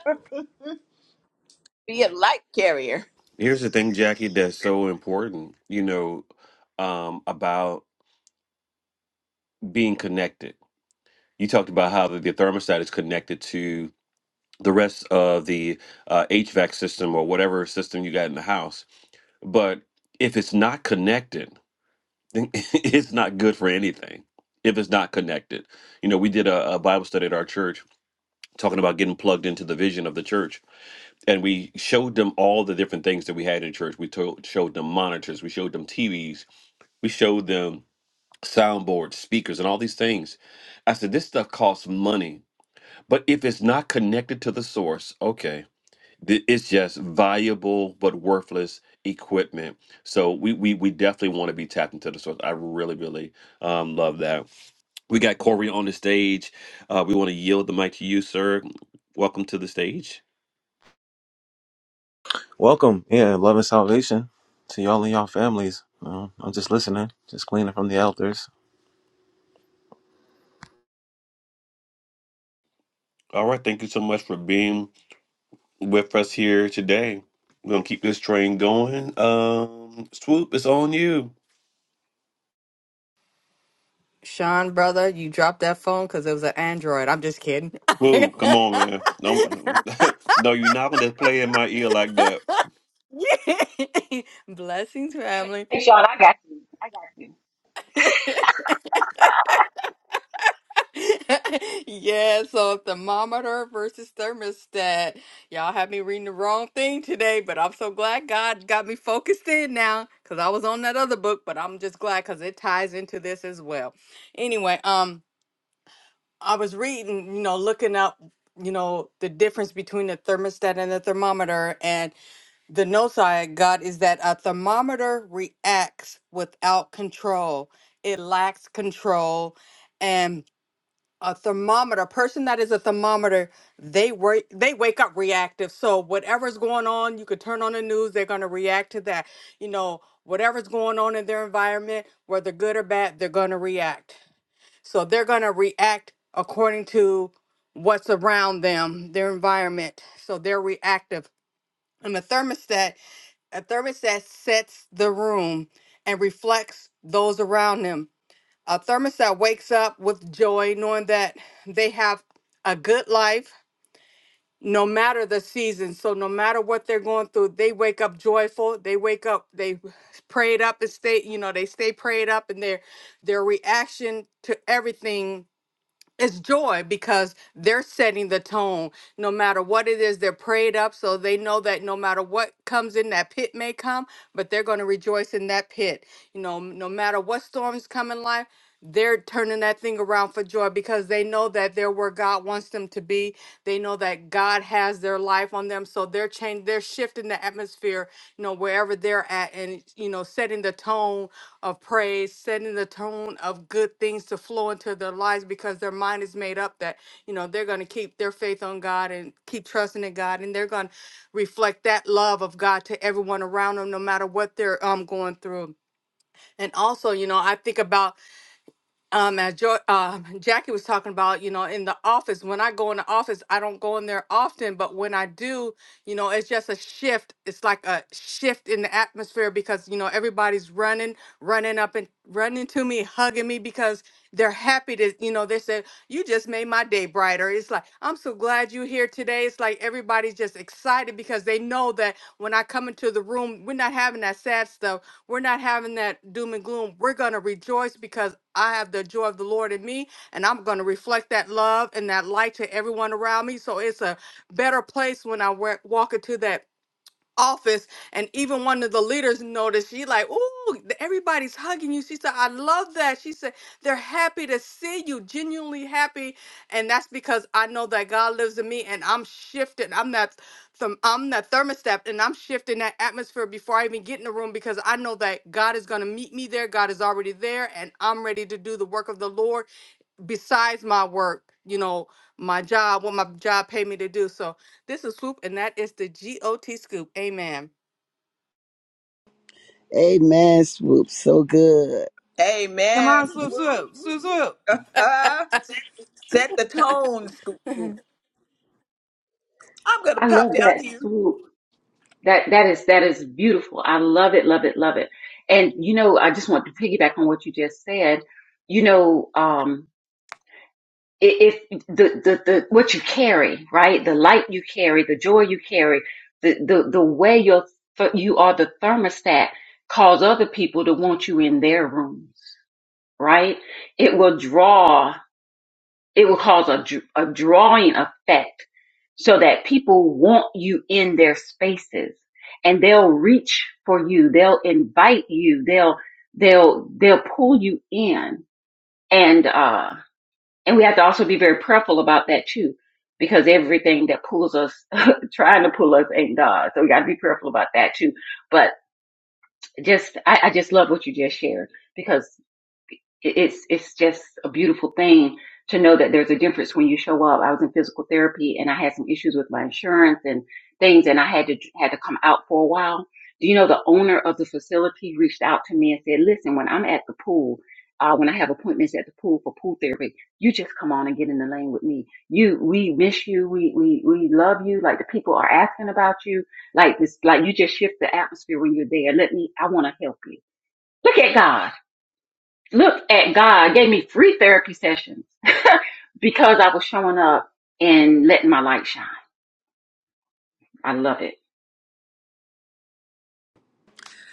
Be a light carrier.
Here's the thing, Jackie, that's so important, you know, um, about being connected. You talked about how the, the thermostat is connected to the rest of the uh, HVAC system or whatever system you got in the house. But if it's not connected, then it's not good for anything. If it's not connected, you know, we did a, a Bible study at our church talking about getting plugged into the vision of the church. And we showed them all the different things that we had in church. We told, showed them monitors, we showed them TVs, we showed them soundboards, speakers, and all these things. I said, this stuff costs money. But if it's not connected to the source, okay, th- it's just valuable but worthless equipment. So we we, we definitely want to be tapped into the source. I really, really um, love that. We got Corey on the stage. Uh, we want to yield the mic to you, sir. Welcome to the stage.
Welcome, yeah, love and salvation to y'all and y'all families. Uh, I'm just listening, just gleaning from the elders.
All right, thank you so much for being with us here today. We're gonna keep this train going. Um, swoop, it's on you.
Sean, brother, you dropped that phone because it was an Android. I'm just kidding.
Swoop, come on, man. No, no, you're not gonna just play in my ear like that.
Blessings, family.
Hey Sean, I got you. I got you.
yeah, so thermometer versus thermostat. Y'all had me reading the wrong thing today, but I'm so glad God got me focused in now because I was on that other book, but I'm just glad because it ties into this as well. Anyway, um, I was reading, you know, looking up, you know, the difference between the thermostat and the thermometer, and The notes I got is that a thermometer reacts without control. It lacks control. And a thermometer, a person that is a thermometer, they wake they wake up reactive. So whatever's going on, you could turn on the news, they're gonna react to that. You know, whatever's going on in their environment, whether good or bad, they're gonna react. So they're gonna react according to what's around them, their environment. So they're reactive. And the thermostat a thermostat sets the room and reflects those around them. A thermostat wakes up with joy, knowing that they have a good life no matter the season. So, no matter what they're going through, they wake up joyful. They wake up, they prayed up and stay, you know, they stay prayed up, and their their reaction to everything it's joy because they're setting the tone. No matter what it is, they're prayed up. So they know that no matter what comes in, that pit may come, but they're going to rejoice in that pit. You know, no matter what storms come in life, they're turning that thing around for joy because they know that they're where God wants them to be. They know that God has their life on them. So they're changing, they're shifting the atmosphere, you know, wherever they're at and, you know, setting the tone of praise, setting the tone of good things to flow into their lives because their mind is made up that, you know, they're going to keep their faith on God and keep trusting in God. And they're going to reflect that love of God to everyone around them, no matter what they're um, going through. And also, you know, I think about um as jo- um Jackie was talking about, you know, in the office, when I go in the office, I don't go in there often, but when I do, you know, it's just a shift. It's like a shift in the atmosphere because, you know, everybody's running, running up and running to me, hugging me because they're happy to, you know, they said, "You just made my day brighter." It's like, "I'm so glad you're here today." It's like everybody's just excited because they know that when I come into the room, we're not having that sad stuff. We're not having that doom and gloom. We're going to rejoice because I have the joy of the Lord in me, and I'm going to reflect that love and that light to everyone around me. So it's a better place when I wa- walk into that office and even one of the leaders noticed she like oh everybody's hugging you she said i love that she said they're happy to see you genuinely happy and that's because i know that god lives in me and i'm shifted i'm that th- i'm that thermostat and i'm shifting that atmosphere before i even get in the room because i know that god is going to meet me there god is already there and i'm ready to do the work of the lord besides my work, you know, my job, what my job paid me to do. So this is Swoop, and that is the GOT Scoop. Amen.
Amen, Swoop. So good.
Come
Amen.
on, swoop,
Swoop.
swoop, swoop, swoop.
Uh, set the tone, Scoop. I'm going to
I
pop
love
down
that
here.
swoop. That that is that is beautiful. I love it, love it, love it. And you know, I just want to piggyback on what you just said. You know, um, if the, the the what you carry, right? The light you carry, the joy you carry, the the the way you th- you are the thermostat cause other people to want you in their rooms, right? It will draw. It will cause a dr- a drawing effect, so that people want you in their spaces, and they'll reach for you. They'll invite you. They'll they'll they'll pull you in, and uh and we have to also be very prayerful about that too, because everything that pulls us, trying to pull us ain't God. So we got to be prayerful about that too. But just, I, I just love what you just shared because it's it's just a beautiful thing to know that there's a difference when you show up. I was in physical therapy and I had some issues with my insurance and things, and I had to had to come out for a while. Do you know the owner of the facility reached out to me and said, "Listen, when I'm at the pool." Uh, when I have appointments at the pool for pool therapy, you just come on and get in the lane with me. You, we miss you. We, we, we love you. Like the people are asking about you. Like this, like you just shift the atmosphere when you're there. Let me, I want to help you. Look at God. Look at God gave me free therapy sessions because I was showing up and letting my light shine. I love it.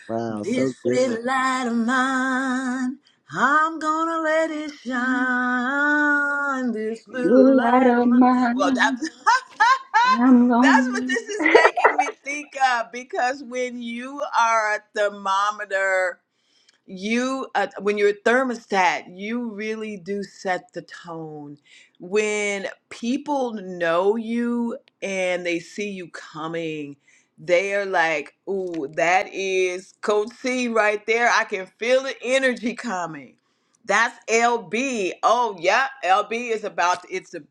Wow, so
This
good.
little light of mine, I'm gonna let it
Shine,
shine. This little
Your light
light of
of
mine. Well, that,
mine. I'm
that's what
lonely.
this is making me think of because when you are a thermometer you uh, when you're a thermostat you really do set the tone when people know you and they see you coming they are like ooh that is coach c right there i can feel the energy coming that's lb oh yeah lb is about it's a,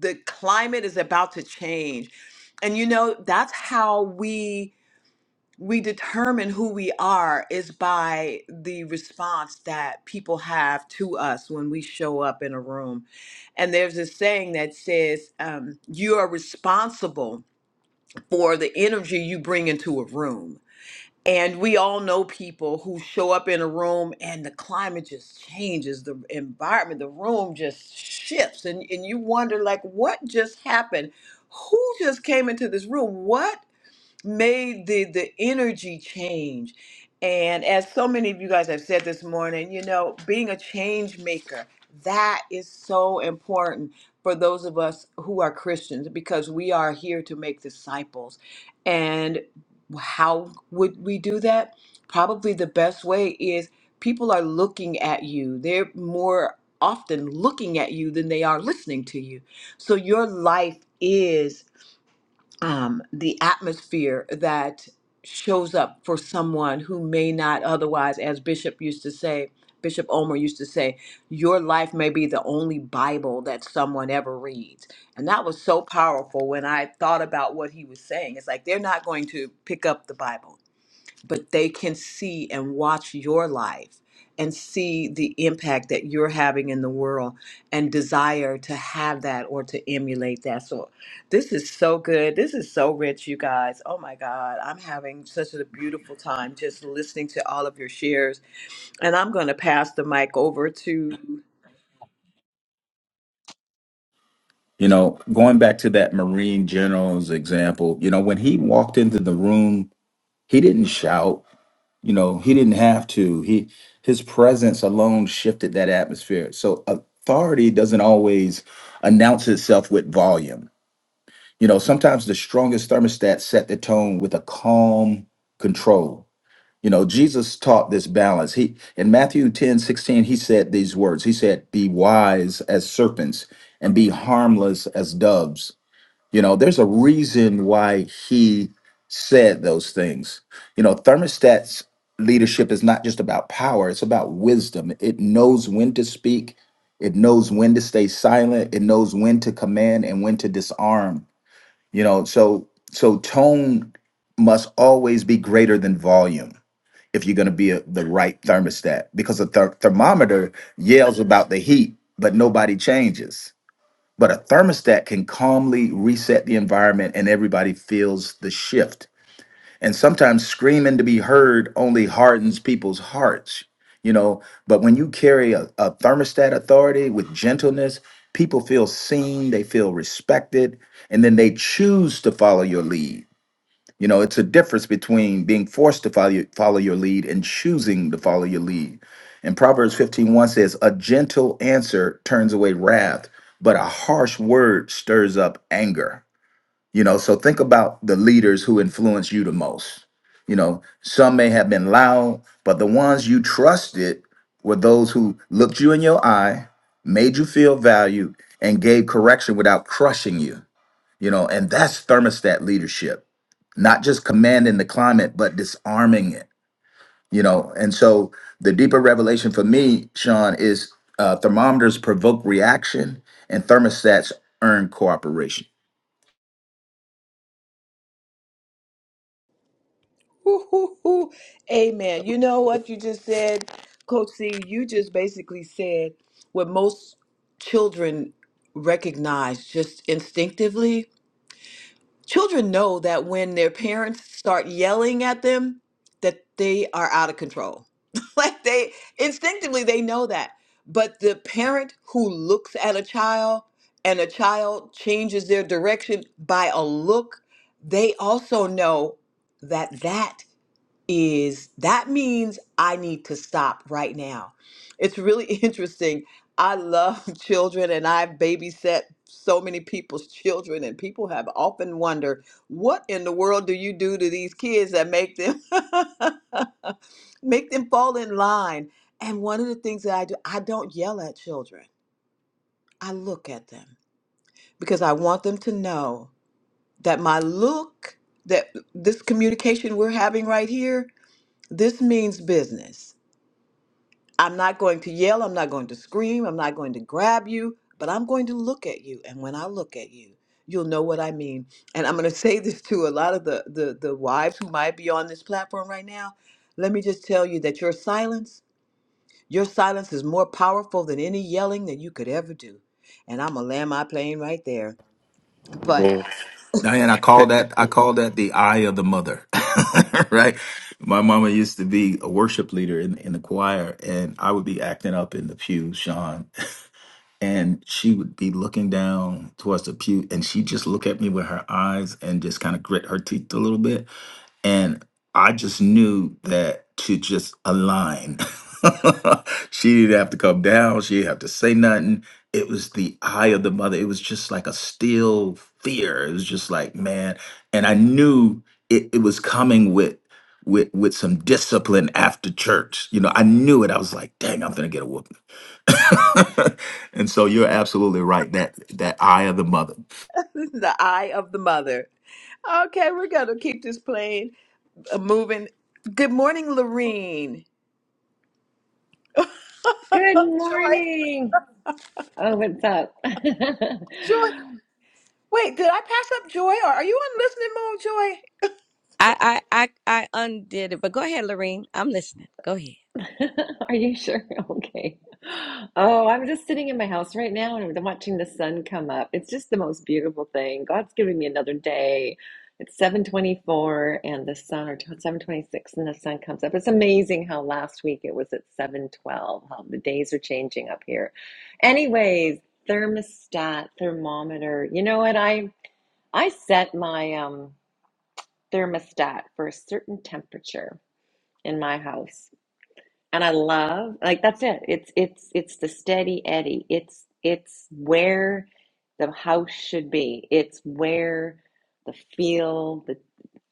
the climate is about to change and you know that's how we we determine who we are is by the response that people have to us when we show up in a room. And there's this saying that says, um, you are responsible for the energy you bring into a room. And we all know people who show up in a room and the climate just changes, the environment, the room just shifts. And, and you wonder, like, what just happened? Who just came into this room? What? made the the energy change and as so many of you guys have said this morning you know being a change maker that is so important for those of us who are christians because we are here to make disciples and how would we do that probably the best way is people are looking at you they're more often looking at you than they are listening to you so your life is um, the atmosphere that shows up for someone who may not otherwise, as Bishop used to say, Bishop Omer used to say, your life may be the only Bible that someone ever reads. And that was so powerful when I thought about what he was saying. It's like they're not going to pick up the Bible but they can see and watch your life and see the impact that you're having in the world and desire to have that or to emulate that. So, this is so good. This is so rich, you guys. Oh my God. I'm having such a beautiful time just listening to all of your shares. And I'm going to pass the mic over to
You know, going back to that Marine general's example, you know, when he walked into the room, he didn't shout You know, he didn't have to. He his presence alone shifted that atmosphere. So authority doesn't always announce itself with volume. You know, sometimes the strongest thermostat set the tone with a calm control. You know, Jesus taught this balance. He in Matthew 10 16, he said these words. He said, Be wise as serpents and be harmless as doves. You know, there's a reason why he said those things. You know, thermostat's leadership is not just about power, it's about wisdom. It knows when to speak, it knows when to stay silent, it knows when to command and when to disarm. You know, so so tone must always be greater than volume if you're going to be a, the right thermostat because a ther- thermometer yells about the heat, but nobody changes but a thermostat can calmly reset the environment and everybody feels the shift. And sometimes screaming to be heard only hardens people's hearts, you know. But when you carry a, a thermostat authority with gentleness, people feel seen, they feel respected, and then they choose to follow your lead you know, it's a difference between being forced to follow, follow your lead and choosing to follow your lead. And Proverbs fifteen one says, "A gentle answer turns away wrath, but a harsh word stirs up anger." You know, so think about the leaders who influence you the most. You know, some may have been loud, but the ones you trusted were those who looked you in your eye, made you feel valued, and gave correction without crushing you. You know, and that's thermostat leadership not just commanding the climate, but disarming it, you know? And so the deeper revelation for me, Sean, is uh, thermometers provoke reaction and thermostats earn cooperation.
Woo-hoo-hoo. Amen. You know what you just said, Coach C? You just basically said what most children recognize just instinctively. Children know that when their parents start yelling at them, that they are out of control. like they instinctively they know that. But the parent who looks at a child and a child changes their direction by a look, they also know that that is that means I need to stop right now. It's really interesting. I love children and I've babysat so many people's children and people have often wondered what in the world do you do to these kids that make them make them fall in line. And one of the things that I do, I don't yell at children. I look at them because I want them to know that my look that this communication we're having right here this means business. I'm not going to yell, I'm not going to scream, I'm not going to grab you, but I'm going to look at you. And when I look at you, you'll know what I mean. And I'm going to say this to a lot of the, the, the wives who might be on this platform right now. Let me just tell you that your silence, your silence is more powerful than any yelling that you could ever do. And I'm going to land my plane right there. But
Man,
Diane, I call
that-
that I call that the eye of the mother, right? My mama used to be a worship leader in, in the choir, and I would be acting up in the pew, Sean, and she would be looking down towards the pew, and she'd just look at me with her eyes and just kind of grit her teeth a little bit and I just knew that to just align. she didn't have to come down. She didn't have to say nothing. It was the eye of the mother. It was just like a still fear. It was just like man, and I knew it, it was coming with with with some discipline after church. You know, I knew it. I was like, dang, I'm gonna get a whooping. and so you're absolutely right. That that eye of the mother.
This is the eye of the mother. Okay, we're gonna keep this plane uh, moving. Good morning, Lorene.
Good
Joy,
morning. Oh, what's up?
Joy. Wait, did I pass up Joy, or are you on listening mode, Joy?
I I I, I undid it, but go ahead, Lorene. I'm listening. Go ahead.
Are you sure? Okay. Oh, I'm just sitting in my house right now and I'm watching the sun come up. It's just the most beautiful thing. God's giving me another day. It's 7:24 and the sun or 7:26 and the sun comes up. It's amazing how last week it was at 7:12. How the days are changing up here. Anyways, thermostat, thermometer. You know what? I I set my um thermostat for a certain temperature in my house and i love like that's it it's it's it's the steady eddy it's it's where the house should be it's where the feel the,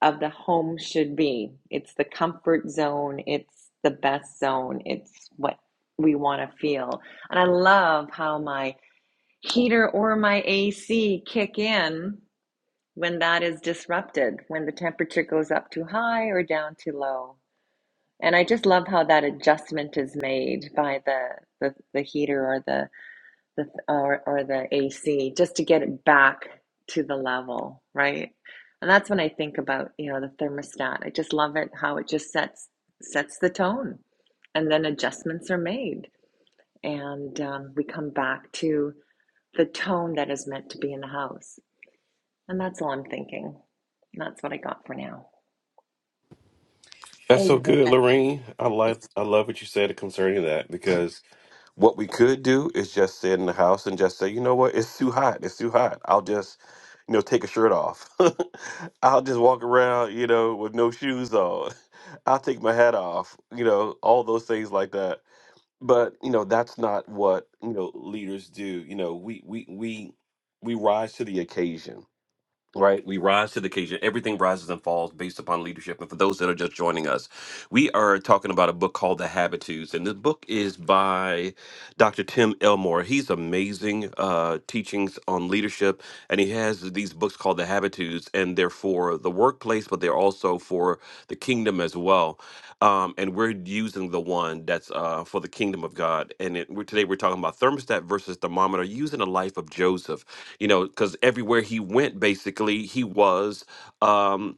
of the home should be it's the comfort zone it's the best zone it's what we want to feel and i love how my heater or my ac kick in when that is disrupted, when the temperature goes up too high or down too low. And I just love how that adjustment is made by the the, the heater or the, the or, or the AC just to get it back to the level, right? And that's when I think about, you know, the thermostat. I just love it how it just sets sets the tone and then adjustments are made and um, we come back to the tone that is meant to be in the house. And that's all I'm thinking. And that's what I got for now.
that's so good, Lorraine. I like I love what you said concerning that What we could do is just sit in the house and just say, you know what, it's too hot. It's too hot. I'll just, you know, take a shirt off. I'll just walk around, you know, with no shoes on. I'll take my hat off, you know, all those things like that. But, you know, that's not what, you know, leaders do. You know, we we we we rise to the occasion Right. We rise to the occasion. Everything rises and falls based upon leadership. And for those that are just joining us, we are talking about a book called The Habitudes. And this book is by Dr. Tim Elmore. He's amazing uh, teachings on leadership. And he has these books called The Habitudes, and they're for the workplace, but they're also for the kingdom as well. Um, and we're using the one that's uh, for the kingdom of God. And it, we're, today we're talking about thermostat versus thermometer, using the life of Joseph you know, because everywhere he went, basically, he was um,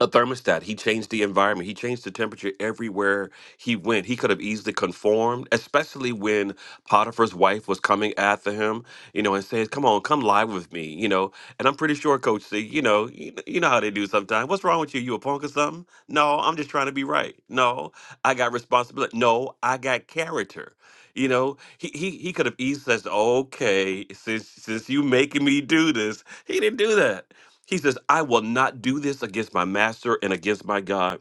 a thermostat. He changed the environment. He changed the temperature everywhere he went. He could have easily conformed, especially when Potiphar's wife was coming after him, you know, and says, "Come on, come lie with me," you know. And I'm pretty sure Coach C, you know, you, kn- you know how they do sometimes. What's wrong with you? You a punk or something? No, I'm just trying to be right. No, I got responsibility. No, I got character. You know, he he, he could have easily says, "Okay, since since you making me do this," he didn't do that. He says, I will not do this against my master and against my God.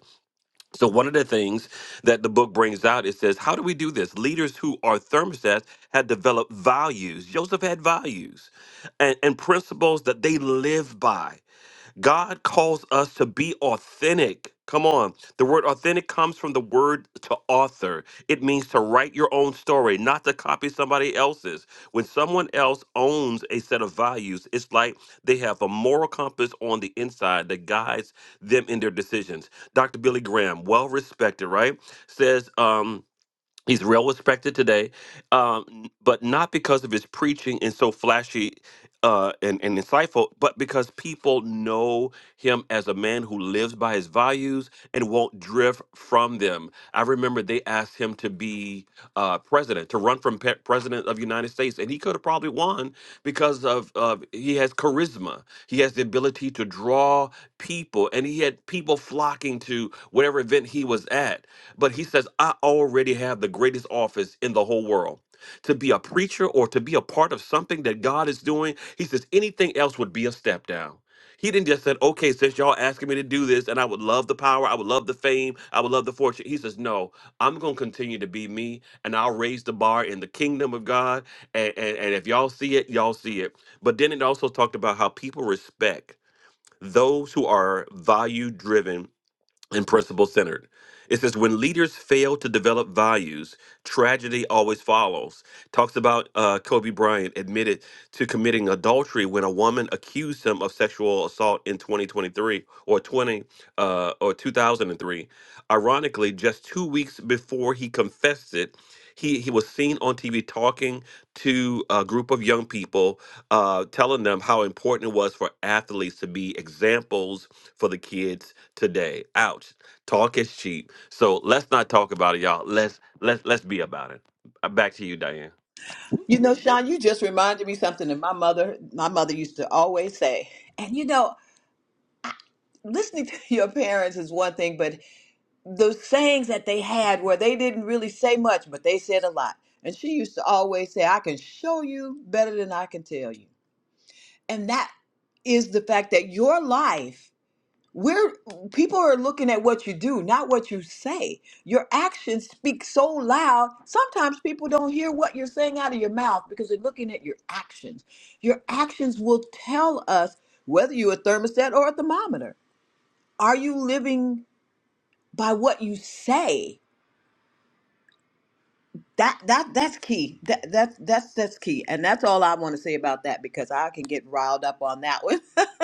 So, one of the things that the book brings out, it says, How do we do this? Leaders who are thermostats had developed values. Joseph had values and, and principles that they live by. God calls us to be authentic. Come on. The word authentic comes from the word to author. It means to write your own story, not to copy somebody else's. When someone else owns a set of values, it's like they have a moral compass on the inside that guides them in their decisions. Dr. Billy Graham, well respected, right? Says, um, He's well respected today, um, n- but not because of his preaching and so flashy uh, and, and insightful, but because people know him as a man who lives by his values and won't drift from them. I remember they asked him to be uh, president, to run from pe- president of the United States, and he could have probably won because of, of he has charisma, he has the ability to draw people, and he had people flocking to whatever event he was at but he says, I already have the greatest office in the whole world. To be a preacher or to be a part of something that God is doing, he says, anything else would be a step down. He didn't just say, okay, since y'all asking me to do this and I would love the power, I would love the fame, I would love the fortune. He says, no, I'm going to continue to be me and I'll raise the bar in the kingdom of God. And, and, and if y'all see it, y'all see it. But then it also talked about how people respect those who are value driven and principle centered. It says when leaders fail to develop values, tragedy always follows. Talks about uh, Kobe Bryant admitted to committing adultery when a woman accused him of sexual assault in 2023 or 20 uh, or 2003. Ironically, just two weeks before he confessed it, he he was seen on TV talking to a group of young people, uh, telling them how important it was for athletes to be examples for the kids today. Ouch. Talk is cheap. So let's not talk about it, y'all. Let's let's let's be about it. Uh, Back to you, Diane.
You know, Sean, you just reminded me something that my mother, my mother used to always say. And you know, listening to your parents is one thing, but those sayings that they had where they didn't really say much, but they said a lot. And she used to always say, I can show you better than I can tell you. And that is the fact that your life, where people are looking at what you do, not what you say. Your actions speak so loud, sometimes people don't hear what you're saying out of your mouth because they're looking at your actions. Your actions will tell us whether you're a thermostat or a thermometer. Are you living by what you say? That that that's key. That that's that's that's key, and that's all I want to say about that because I can get riled up on that one.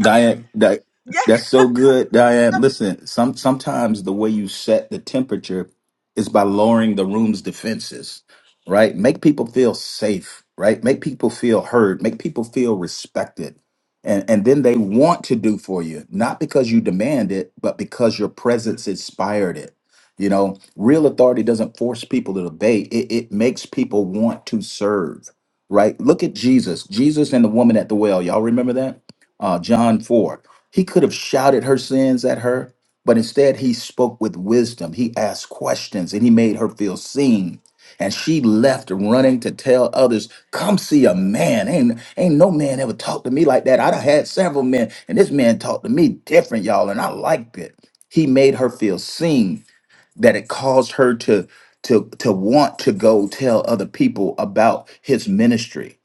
Diane, that
yeah,
that's so good, Diane. Listen, some sometimes the way you set the temperature is by lowering the room's defenses, right? Make people feel safe, right? Make people feel heard, make people feel respected. And and then they want to do for you, not because you demand it, but because your presence inspired it. You know, real authority doesn't force people to obey. It it makes people want to serve, right? Look at Jesus. Jesus and the woman at the well. Y'all remember that? uh, John 4. He could have shouted her sins at her, but instead he spoke with wisdom. He asked questions and he made her feel seen. And she left running to tell others, come see a man. Ain't, ain't no man ever talked to me like that. I would have had several men, and this man talked to me different, y'all, and I liked it. He made her feel seen that it caused her to to to want to go tell other people about his ministry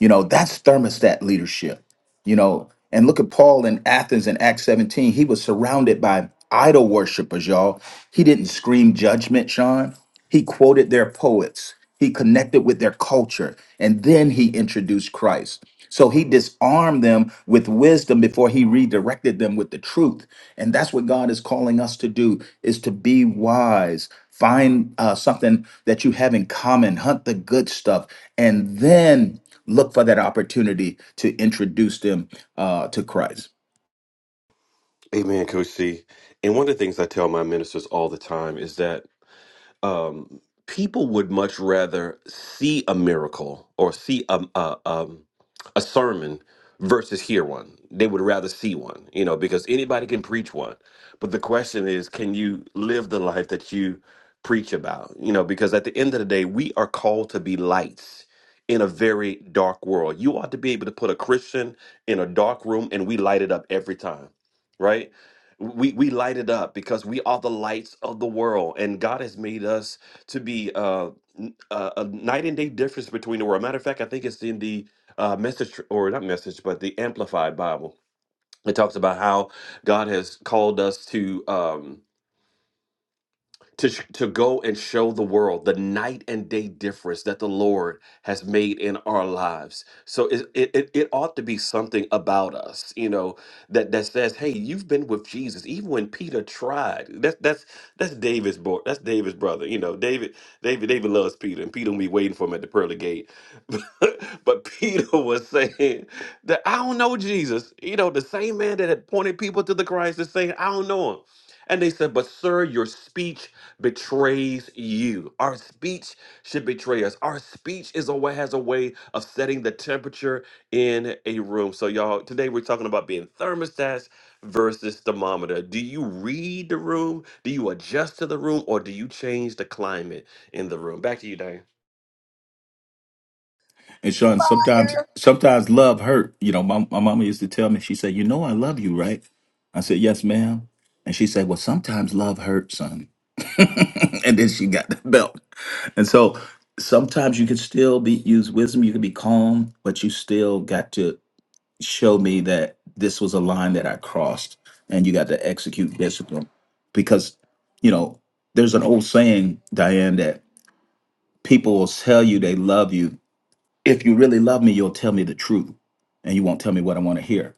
you know that's thermostat leadership you know and look at paul in athens in acts 17 he was surrounded by idol worshipers y'all he didn't scream judgment sean he quoted their poets, he connected with their culture, and then he introduced Christ. So he disarmed them with wisdom before he redirected them with the truth. And that's what God is calling us to do is to be wise. Find uh, something that you have in common, hunt the good stuff, and then look for that opportunity to introduce them uh, to Christ.
Amen, Coach C. And one of the things I tell my ministers all the time is that um, people would much rather see a miracle or see a, a, um, a sermon versus hear one. They would rather see one, you know, because anybody can preach one. But the question is, can you live the life that you preach about? You know, because at the end of the day, we are called to be lights in a very dark world. You ought to be able to put a Christian in a dark room and we light it up every time, right? we we light it up because we are the lights of the world and god has made us to be uh, n- uh, a night and day difference between the world matter of fact i think it's in the uh, message tr- or not message but the amplified bible it talks about how god has called us to um, to, sh- to go and show the world the night and day difference that the Lord has made in our lives. So it, it, it it ought to be something about us, you know, that, that says, hey, you've been with Jesus. Even when Peter tried, that's that's that's David's boy, that's David's brother. You know, David, David, David loves Peter, and Peter will be waiting for him at the pearly gate. but Peter was saying that I don't know Jesus. You know, the same man that had pointed people to the Christ is saying, I don't know him. And they said, But sir, your speech betrays you. Our speech should betray us. Our speech is a way has a way of setting the temperature in a room. So, y'all, today we're talking about being thermostats versus thermometer. Do you read the room? Do you adjust to the room? Or do you change the climate in the room? Back to you, Diane.
And Sean, sometimes
you
sometimes love hurt. You know, my my mama used to tell me, she said, You know I love you, right? I said, Yes, ma'am. And she said, Well, sometimes love hurts, son. and then she got the belt. And so sometimes you can still be use wisdom, you can be calm, but you still got to show me that this was a line that I crossed and you got to execute discipline. Because, you know, there's an old saying, Diane, that people will tell you they love you if you really love me you'll tell me the truth and you won't tell me what i want to hear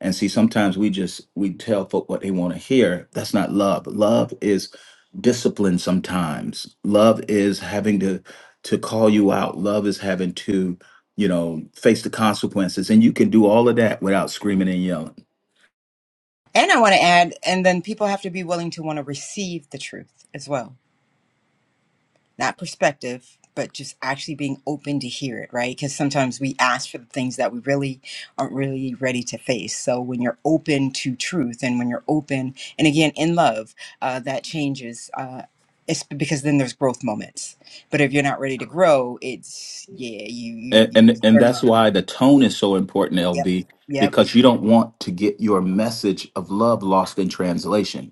and see sometimes we just we tell folk what they want to hear that's not love love is discipline sometimes love is having to to call you out love is having to you know face the consequences and you can do all of that without screaming and yelling
And I want to add, and then people have to be willing to want to receive the truth as well. Not perspective, but just actually being open to hear it, right? Because sometimes we ask for the things that we really aren't really ready to face. So when you're open to truth and when you're open, and again, in love, uh, that changes. Uh, it's because then there's growth moments. But if you're not ready to grow, it's, yeah, you, you,
and
you
and,
just
and
firm
that's
up.
why the tone is so important
Yep.
lb
Yep.
because you don't want to get your message of love lost in translation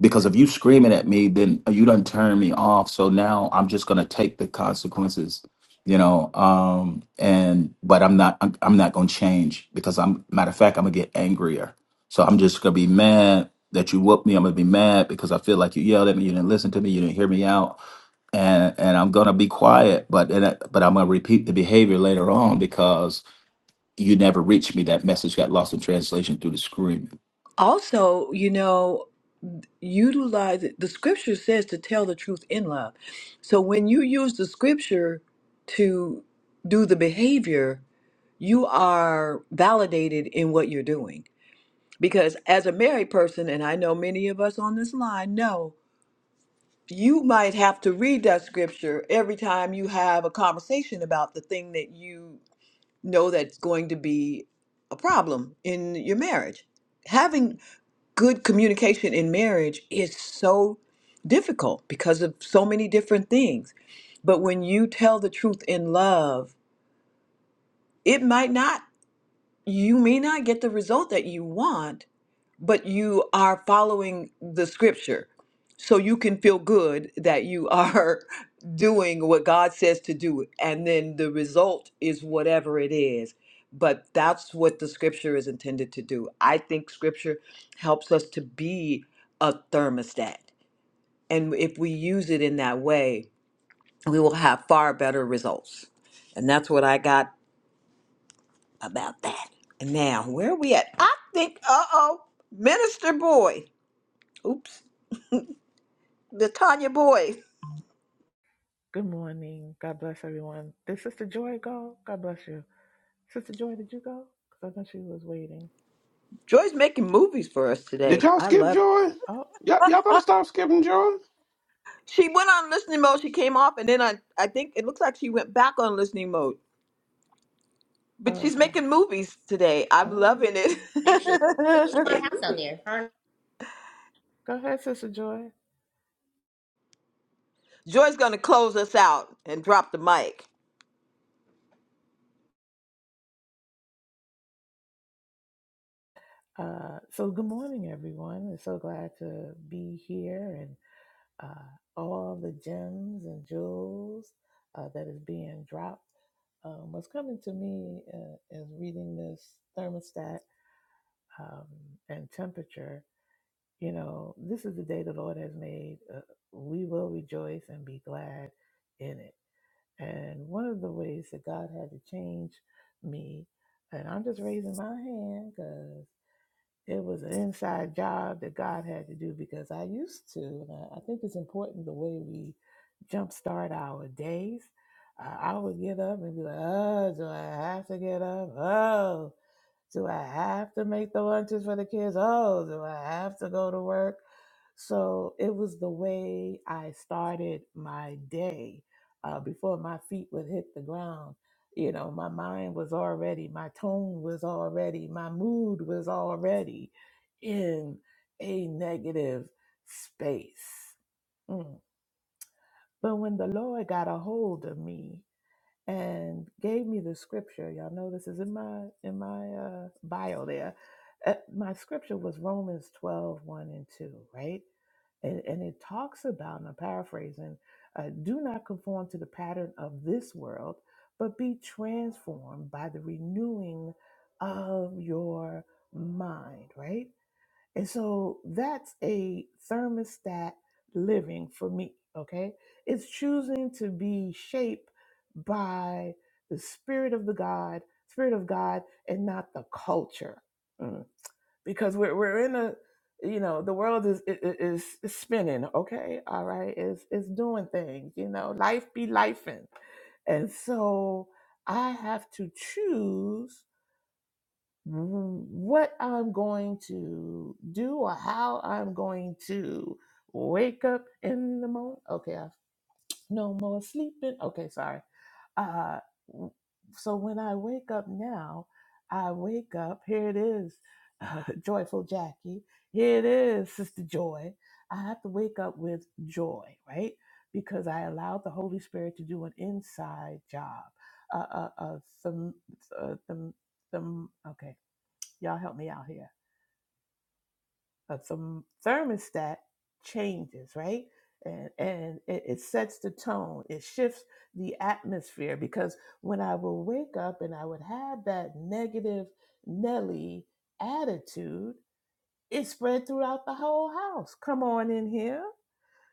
Because if you screaming at me, then you done turn me off. So now I'm just gonna take the consequences, you know. Um, and but I'm not I'm, I'm not gonna change because I'm matter of fact I'm gonna get angrier. So I'm just gonna be mad that you whooped me. I'm gonna be mad because I feel like you yelled at me, you didn't listen to me, you didn't hear me out, and and I'm gonna be quiet. But and I, but I'm gonna repeat the behavior later on because you never reached me. That message got lost in translation through the screaming.
also, you know, utilize it. The scripture says to tell the truth in love. So when you use the scripture to do the behavior, you are validated in what you're doing. Because as a married person, and I know many of us on this line know you might have to read that scripture every time you have a conversation about the thing that you know that's going to be a problem in your marriage. Having good communication in marriage is so difficult because of so many different things. But when you tell the truth in love, it might not, you may not get the result that you want, but you are following the scripture. So you can feel good that you are doing what God says to do. And then the result is whatever it is. But that's what the scripture is intended to do. I think scripture helps us to be a thermostat. And if we use it in that way, we will have far better results. And that's what I got about that. And now, where are we at? I think, uh oh, Minister Boy. Oops. the Tanya boy.
Good morning. God bless everyone. Did Sister Joy go? God bless you. Sister Joy, did you go? Because I know she was waiting.
Joy's making movies for us today. I love it.
Oh,
She went on listening mode. She came off, and then I, I think it looks like she went back on listening mode. But
oh,
she's
okay.
making movies today. I'm
All right.
loving
Actually, yeah, she
it.
bought a house out there. Her
Go ahead, Sister Joy.
Joy's going to close us out and drop the mic.
Uh, so, good morning, everyone. We're so glad to be here and uh, all the gems and jewels uh, that is being dropped. Um, what's coming to me uh, is reading this thermostat um, and temperature. You know, this is the day the Lord has made. Uh, we will rejoice and be glad in it. And one of the ways that God had to change me, and I'm just raising my hand because it was an inside job that God had to do because I used to. And I I think it's important the way we jumpstart our days. Uh, I would get up and be like, oh, do I have to get up? Oh. Do I have to make the lunches for the kids? Oh, do I have to go to work? So it was the way I started my day uh, before my feet would hit the ground. You know, my mind was already, my tone was already, my mood was already in a negative space. Mm. But when the Lord got a hold of me, and gave me the scripture. Y'all know this is in my in my uh, bio there. Uh, my scripture was Romans twelve one and 2, right? And, and it talks about, and I'm paraphrasing, uh, do not conform to the pattern of this world, but be transformed by the renewing of your mind, right? And so that's a thermostat living for me, okay? It's choosing to be shaped by the spirit of the God, spirit of God, and not the culture. Mm. Because we're, we're in a, you know, the world is, i- i- is, is spinning, okay? All right? It's, it's doing things, you know, life be lifing. And so I have to choose what I'm going to do or how I'm going to wake up in the morning. Okay, I've no more sleeping. Okay, sorry. Uh, w- so when I wake up now, I wake up. Here it is, uh, joyful Jackie. Here it is, Sister Joy. I have to wake up with joy, right? Because I allowed the Holy Spirit to do an inside job. Uh, uh, uh, some, uh, some, some. Okay y'all help me out here. A therm- thermostat changes, right? And, and it, it sets the tone, it shifts the atmosphere. Because when I would wake up and I would have that negative Nelly attitude, it spread throughout the whole house. Come on in here.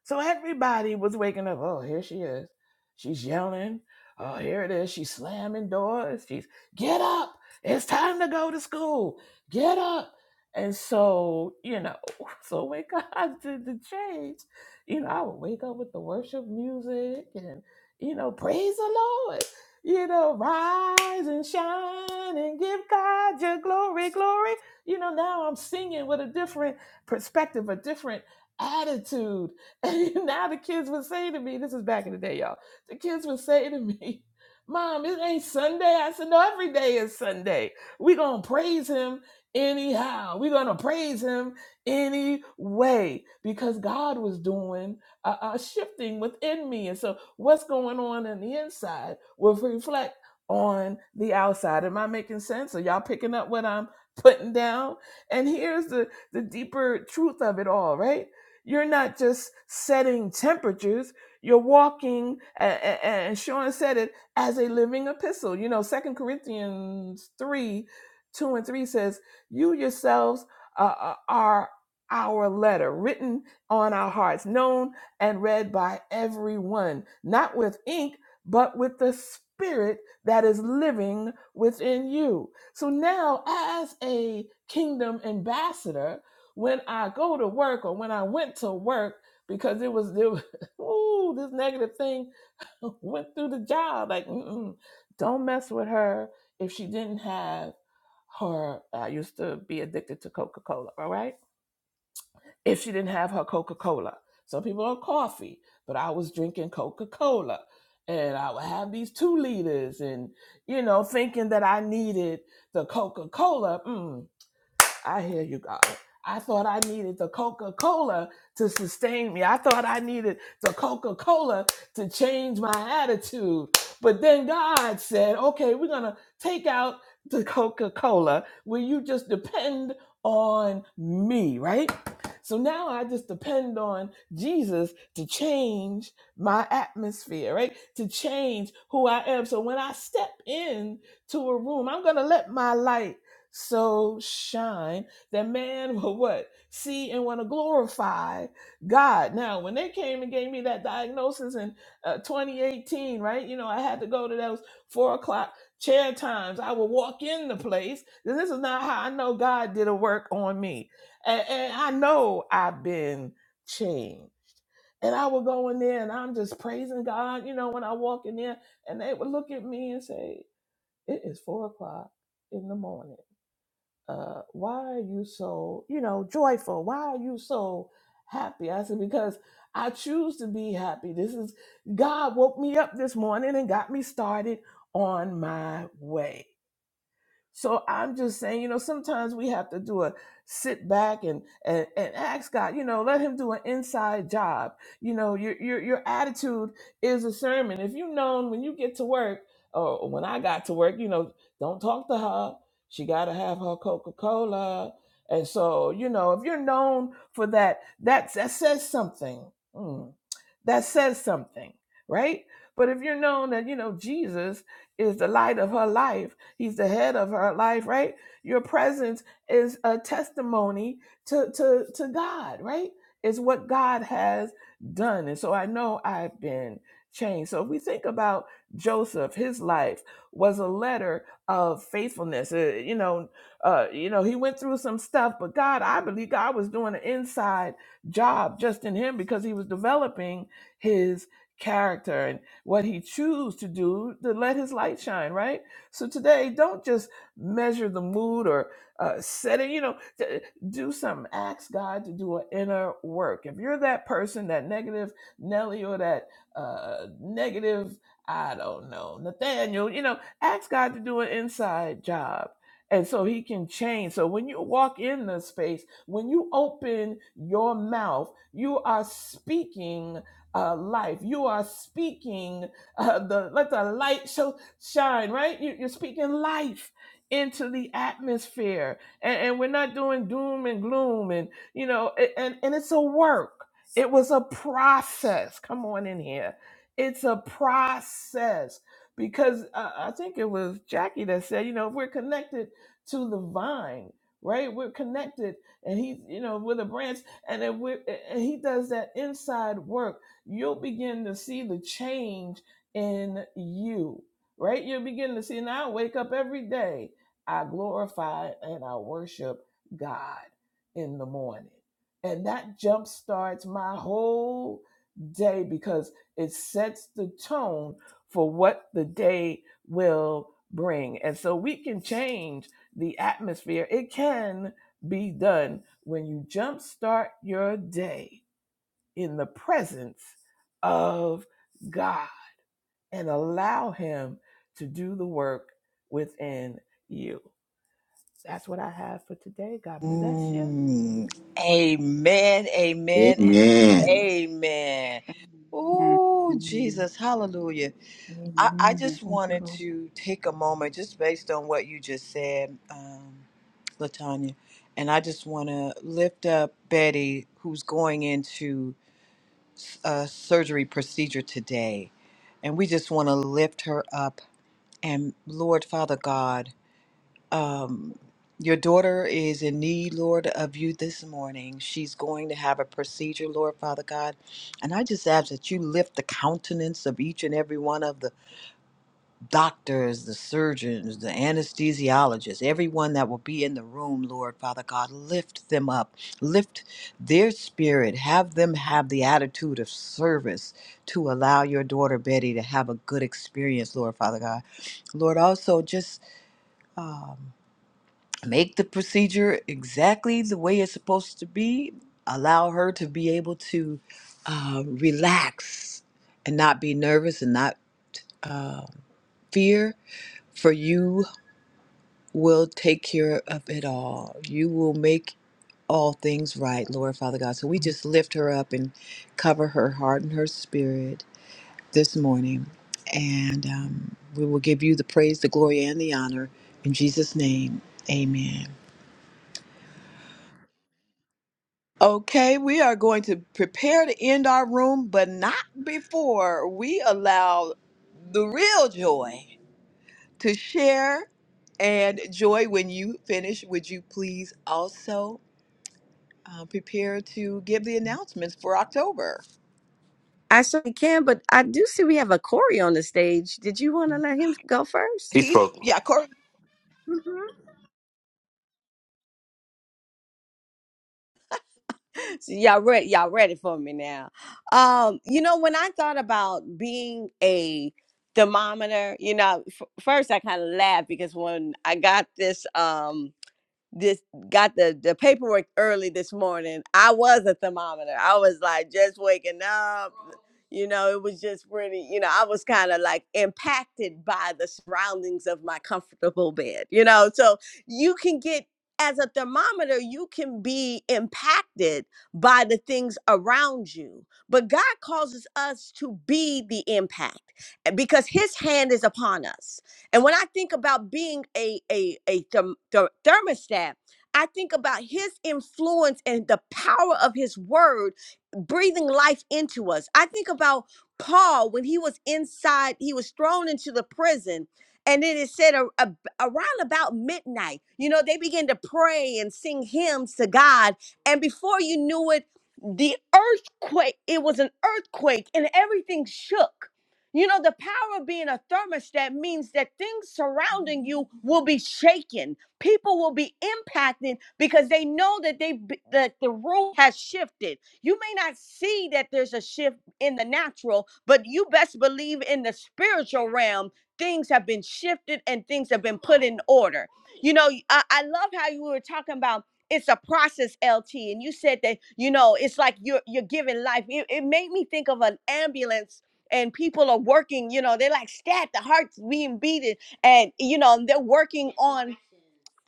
So everybody was waking up. Oh, here she is. She's yelling. Oh, here it is. She's slamming doors. She's get up. It's time to go to school. Get up. And so, you know, so when God did the change, you know, I would wake up with the worship music and, you know, praise the Lord. You know, rise and shine and give God your glory, glory. You know, now I'm singing with a different perspective, a different attitude And now the kids would say to me, this is back in the day, y'all. The kids would say to me, Mom, it ain't Sunday. I said, No, every day is Sunday. we going to praise him anyhow. we going to praise him anyway because God was doing a, a shifting within me. And so, what's going on in the inside will reflect on the outside. Am I making sense? Are y'all picking up what I'm putting down? And here's the, the deeper truth of it all, right? You're not just setting temperatures. You're walking, and Sean said it, as a living epistle. You know, Second Corinthians 3, 2 and 3 says, You yourselves uh, uh, are our letter, written on our hearts, known and read by everyone, not with ink, but with the Spirit that is living within you. So now, as a kingdom ambassador, when I go to work or when I went to work because it was, it was ooh, this negative thing went through the job. Like, mm-mm, don't mess with her if she didn't have her. I used to be addicted to Coca Cola, all right? If she didn't have her Coca Cola. Some people are coffee, but I was drinking Coca Cola. And I would have these two liters and, you know, thinking that I needed the Coca Cola. I hear you, God. I thought I needed the Coca Cola to sustain me. I thought I needed the Coca Cola to change my attitude. But then God said, okay, we're going to take out the Coca Cola. Will you just depend on me, right? So now I just depend on Jesus to change my atmosphere, right? To change who I am. So when I step in to a room, I'm going to let my light so shine that man will what see and want to glorify god now when they came and gave me that diagnosis in uh, 2018 right you know i had to go to those four o'clock chair times i would walk in the place and this is not how i know god did a work on me and, and i know i've been changed and i would go in there and i'm just praising god you know when i walk in there and they would look at me and say it is four o'clock in the morning uh, why are you so, you know, joyful? Why are you so happy? I said, because I choose to be happy. This is God woke me up this morning and got me started on my way. So I'm just saying, you know, sometimes we have to do a sit back and and, and ask God, you know, let Him do an inside job. You know, your your your attitude is a sermon. If you known when you get to work or when I got to work, you know, don't talk to her. She got to have her Coca Cola. And so, you know, if you're known for that, that that says something. Mm. that says something, right? But if you're known that you know Jesus is the light of her life. He's the head of her life, right? Your presence is a testimony to to to God, right? It's what God has done. And so I know I've been changed. So if we think about Joseph, his life was a letter of faithfulness. Uh, you know, uh, you know, he went through some stuff, but God, I believe God was doing an inside job just in him because he was developing his character and what he choose to do to let his light shine right so today don't just measure the mood or uh, set it you know t- do something ask god to do an inner work if you're that person that negative nelly or that uh, negative i don't know nathaniel you know ask god to do an inside job and so he can change. So when you walk in the space, when you open your mouth, you are speaking uh, life. You are speaking uh, the let the light show shine. Right, you, you're speaking life into the atmosphere, and, and we're not doing doom and gloom, and you know, a- and and it's a work. It was a process. Come on in here. It's a process because uh, I think it was Jackie that said, you know, if we're connected to the vine, right? We're connected, and he, you know, with a branch, and then we and he does that inside work you'll begin to see the change in you, right? You'll begin to see, and I wake up every day, I glorify and I worship God in the morning. And that jump starts my whole day because it sets the tone for what the day will bring. And so we can change the atmosphere. It can be done when you jumpstart your day in the presence of God and allow Him to do the work within you. That's what I have for today. God bless you.
Mm, amen, amen, and
amen.
amen.
Amen.
Oh,
Amen.
Jesus, hallelujah. I, I
Amen.
just
Thank you,
wanted
Lord.
to take a moment just based on what you just said. Um, Latanya. And I just want to lift up Betty, who's going into a surgery procedure today. And we just want to lift her up. And Lord, Father God, um, your daughter is in need, Lord, of you this morning. She's going to have a procedure, Lord, Father God. And I just ask that you lift the countenance of each and every one of the doctors, the surgeons, the anesthesiologists, everyone that will be in the room, Lord Father God, lift them up, lift their spirit, have them have the attitude of service to allow your daughter Betty to have a good experience, Lord Father God. Lord, also just um, make the procedure exactly the way it's supposed to be, allow her to be able to uh, relax and not be nervous and not uh, fear for you will take care of it all. You will make all things right, Lord Father God. So we just lift her up and cover her heart and her spirit this morning. And um, we will give you the praise, the glory, and the honor. In Jesus' name, amen. Okay, we are going to prepare to end our room, but not before we allow the real joy to share. And joy, when you finish, would you please also? uh, prepare to give the announcements for October.
I certainly can, but I do see we have a Corey on the stage. Did you want to let him go first?
He
He's
spoke.
yeah, Cor-
So y'all ready? Y'all ready for me now? Um, you know, when I thought about being a thermometer, you know, f- first I kind of laughed because when I got this, um. Just got the the paperwork early this morning. I was a thermometer. I was like just waking up. You know, it was just pretty. You know, I was kind of like impacted by the surroundings of my comfortable bed. You know, so you can get as a thermometer, you can be impacted by the things around you. But God causes us to be the impact and because his hand is upon us. And when I think about being a a a therm- ther- thermostat, I think about his influence and the power of his word breathing life into us. I think about Paul when he was inside, he was thrown into the prison. And then it said a, a- around about midnight, you know, they began to pray and sing hymns to God. And before you knew it, the earthquake, it was an earthquake and everything shook. You know, the power of being a thermostat means that things surrounding you will be shaken. People will be impacted because they know that they that the rule has shifted. You may not see that there's a shift in the natural, but you best believe in the spiritual realm, things have been shifted and things have been put in order. You know, I, I love how you were talking about it's a process lt and you said that you know it's like you're you're giving life it, it made me think of an ambulance and people are working you know they're like stat the heart's being beaten and you know they're working on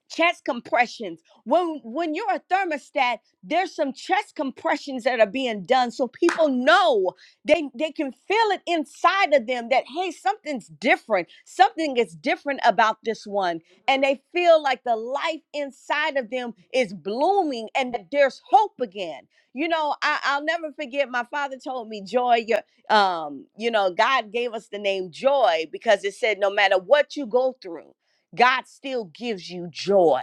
chest compressions when when you're a thermostat there's some chest compressions that are being done so people know they they can feel it inside of them that hey something's different something is different about this one and they feel like the life inside of them is blooming and that there's hope again you know I, i'll never forget my father told me joy your um you know god gave us the name joy because it said no matter what you go through God still gives you joy.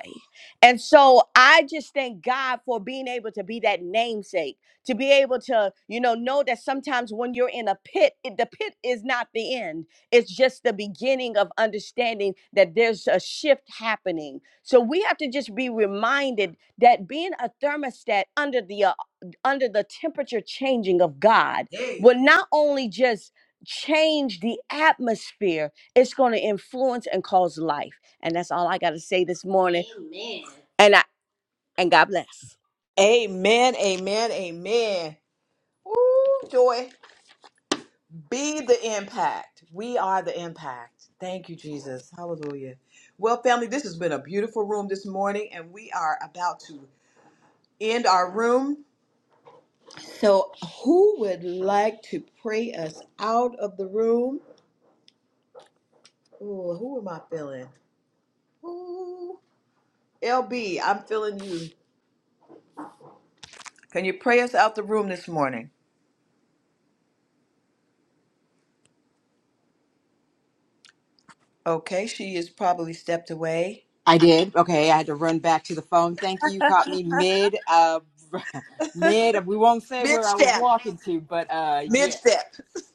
And so I just thank God for being able to be that namesake, to be able to, you know, know that sometimes when you're in a pit, it, the pit is not the end. It's just the beginning of understanding that there's a shift happening. So we have to just be reminded that being a thermostat under the uh, under the temperature changing of God Hey. will not only just change the atmosphere, it's going to influence and cause life. And that's all I got to say this morning. Amen. And I and God bless.
Amen, amen, amen. Ooh, joy. Be the impact. We are the impact. Thank you, Jesus. Hallelujah. Well, family, this has been a beautiful room this morning, and we are about to end our room. So, who would like to pray us out of the room? Ooh, who am I feeling? Ooh, LB, I'm feeling you. Can you pray us out the room this morning? Okay, she is probably stepped away.
I did. Okay. I had to run back to the phone. Thank you. You caught me mid. Uh, Mid, we won't say
Mid
where I was
step,
walking to, but uh,
mid
yeah,
step.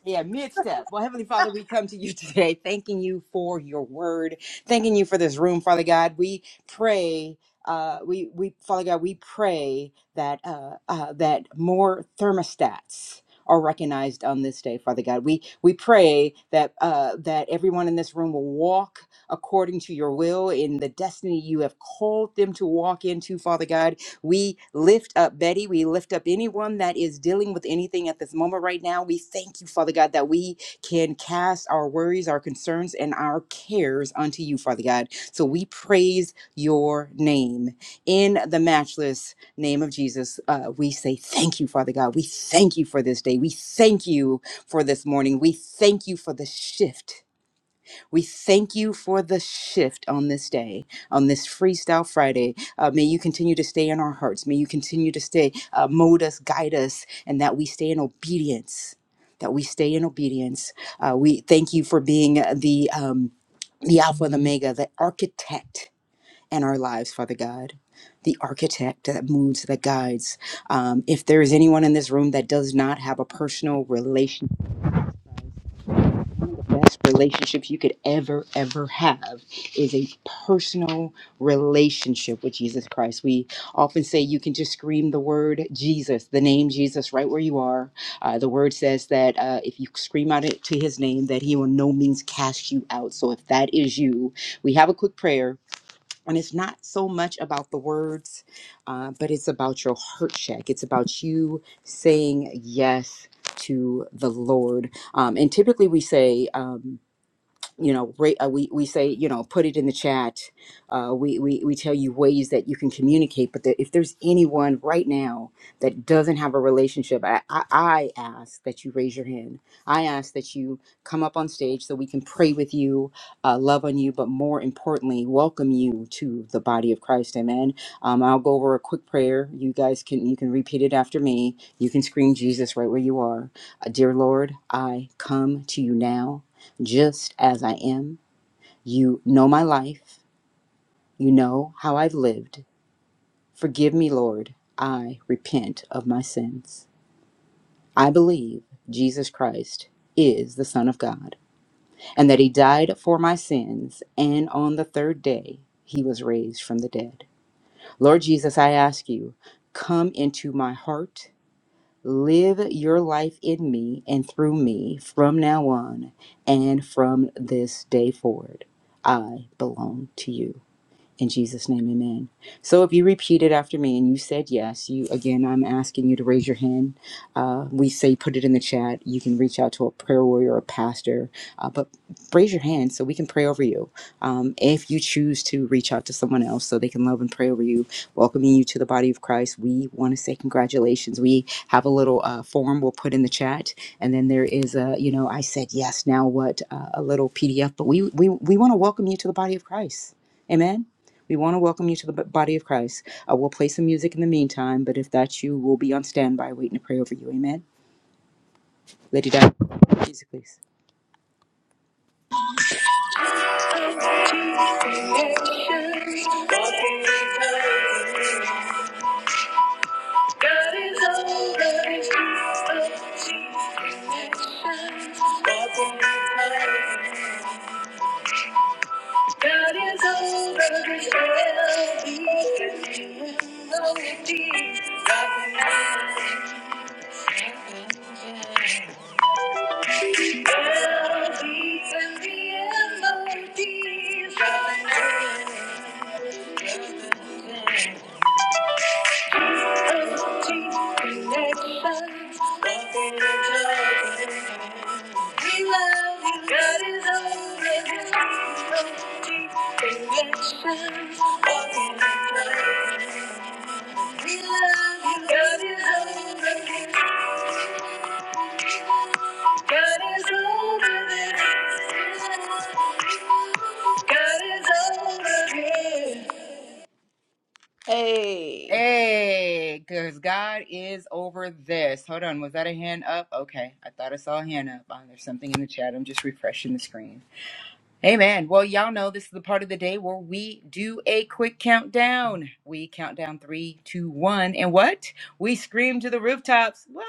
yeah, mid step. Well, Heavenly Father, we come to you today, thanking you for your word, thanking you for this room, Father God. We pray. Uh, we we Father God, we pray that uh, uh, that more thermostats are recognized on this day, Father God. We we pray that uh, that everyone in this room will walk according to your will in the destiny you have called them to walk into, Father God we lift up Betty. We lift up anyone that is dealing with anything at this moment right now. We thank you, Father God, that we can cast our worries, our concerns, and our cares unto you, Father God. So we praise your name. In the matchless name of Jesus, uh, we say thank you, Father God. We thank you for this day. We thank you for this morning. We thank you for the shift. We thank you for the shift on this day, on this Freestyle Friday. Uh, may you continue to stay in our hearts. May you continue to stay, uh, mold us, guide us, and that we stay in obedience. That we stay in obedience. Uh, we thank you for being the um, the Alpha and Omega, the architect in our lives, Father God. The architect that moves, that guides. Um, if there is anyone in this room that does not have a personal relationship, one of the best relationships you could ever ever have is a personal relationship with jesus christ we often say you can just scream the word jesus the name jesus right where you are uh, the word says that uh, if you scream out it to his name that he will no means cast you out so if that is you we have a quick prayer and it's not so much about the words, uh, but it's about your heart check. It's about you saying yes to the Lord. Um, and typically we say, um, you know ra- uh, we, we say you know put it in the chat uh, we, we we tell you ways that you can communicate but that if there's anyone right now that doesn't have a relationship I, I, I ask that you raise your hand i ask that you come up on stage so we can pray with you uh, love on you but more importantly welcome you to the body of christ amen um, i'll go over a quick prayer you guys can you can repeat it after me you can scream jesus right where you are uh, dear lord i come to you now just as I am. You know my life. You know how I've lived. Forgive me, Lord. I repent of my sins. I believe Jesus Christ is the Son of God and that He died for my sins, and on the third day He was raised from the dead. Lord Jesus, I ask you, come into my heart. Live your life in me and through me from now on and from this day forward. I belong to you. In Jesus' name, amen. So if you repeat it after me and you said yes, you again, I'm asking you to raise your hand. Uh, we say put it in the chat. You can reach out to a prayer warrior or a pastor, uh, but raise your hand so we can pray over you. Um, if you choose to reach out to someone else so they can love and pray over you, welcoming you to the body of Christ, we want to say congratulations. We have a little uh, form we'll put in the chat, and then there is a, you know, I said yes, now what, uh, a little PDF, but we, we, we want to welcome you to the body of Christ. Amen. We want to welcome you to the body of Christ. I will play some music in the meantime, but if that's you, we'll be on standby waiting to pray over you. Amen. Lady Di, music, please.
Hey.
Hey, because God is over this. Hold on, was that a hand up? Okay, I thought I saw a hand up. Oh, there's something in the chat. I'm just refreshing the screen. Amen. Well, y'all know this is the part of the day where we do a quick countdown. We count down three, two, one, and what? We scream to the rooftops. What?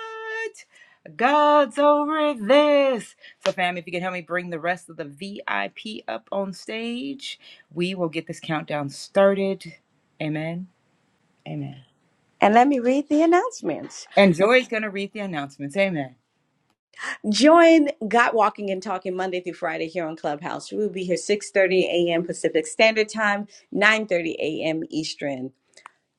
God's over this. So, fam, if you can help me bring the rest of the VIP up on stage, we will get this countdown started. Amen. Amen.
And let me read the announcements.
And Joy's going to read the announcements. Amen.
Join God Walking and Talking Monday through Friday here on Clubhouse. We will be here 6:30 a.m. Pacific Standard Time, 9:30 a.m. Eastern.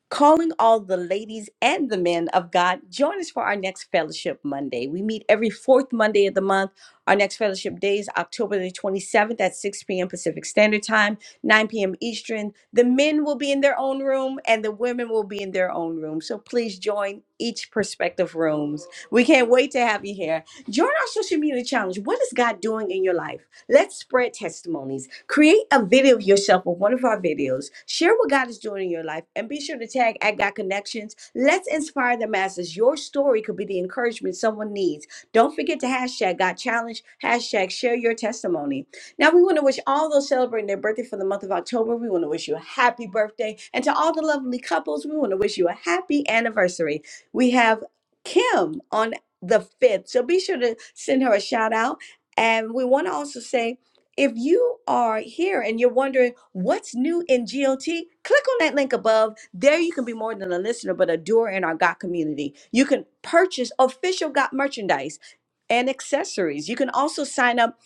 Calling all the ladies and the men of God, join us for our next Fellowship Monday. We meet every fourth Monday of the month. Our next Fellowship Day is October the 27th at 6 p.m. Pacific Standard Time, 9 p.m. Eastern. The men will be in their own room and the women will be in their own room. So please join each perspective rooms. We can't wait to have you here. Join our social media challenge. What is God doing in your life? Let's spread testimonies. Create a video of yourself with one of our videos. Share what God is doing in your life and be sure to tag at God Connections. Let's inspire the masses. Your story could be the encouragement someone needs. Don't forget to hashtag God Challenge, hashtag share your testimony. Now, we want to wish all those celebrating their birthday for the month of October, we want to wish you a happy birthday. And to all the lovely couples, we want to wish you a happy anniversary. We have Kim on the 5th, so be sure to send her a shout out. And we want to also say, if you are here and you're wondering what's new in GLT, click on that link above. There you can be more than a listener, but a doer in our GOT community. You can purchase official GOT merchandise and accessories. You can also sign up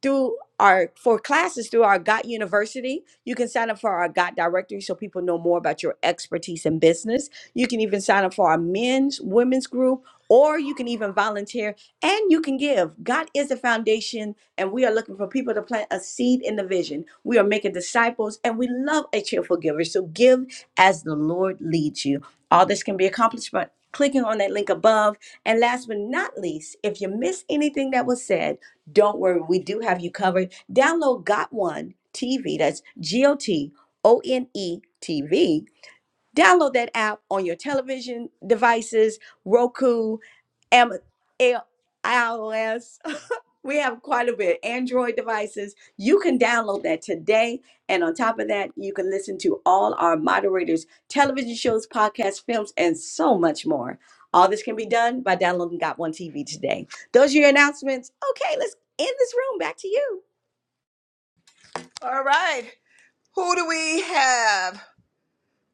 through our for classes through our GOT University. You can sign up for our GOT directory so people know more about your expertise in business. You can even sign up for our men's, women's group, or you can even volunteer and you can give. God is a foundation and we are looking for people to plant a seed in the vision. We are making disciples and we love a cheerful giver. So give as the Lord leads you. All this can be accomplished by clicking on that link above. And last but not least, if you miss anything that was said, don't worry, we do have you covered. Download Got One TV, that's G O T O N E TV. Download that app on your television devices, Roku, Am- iOS. We have quite a bit. Android devices. You can download that today. And on top of that, you can listen to all our moderators' television shows, podcasts, films, and so much more. All this can be done by downloading Got One TV today. Those are your announcements. Okay, let's end this room. Back to you.
All right. Who do we have?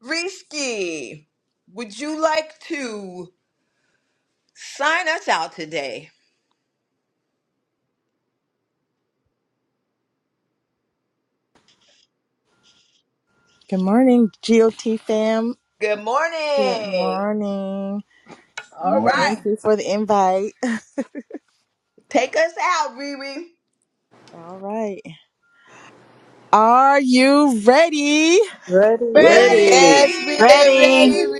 Risky, would you like to sign us out today?
Good morning, GOT fam.
Good
Good
morning.
morning.
Good
All
Morning.
Thank
right.
you for the invite.
Take us out, Riri.
All right. Are you ready?
Ready.
Ready?
Ready.
Yes,
Ready?
we're
Ready.
ready.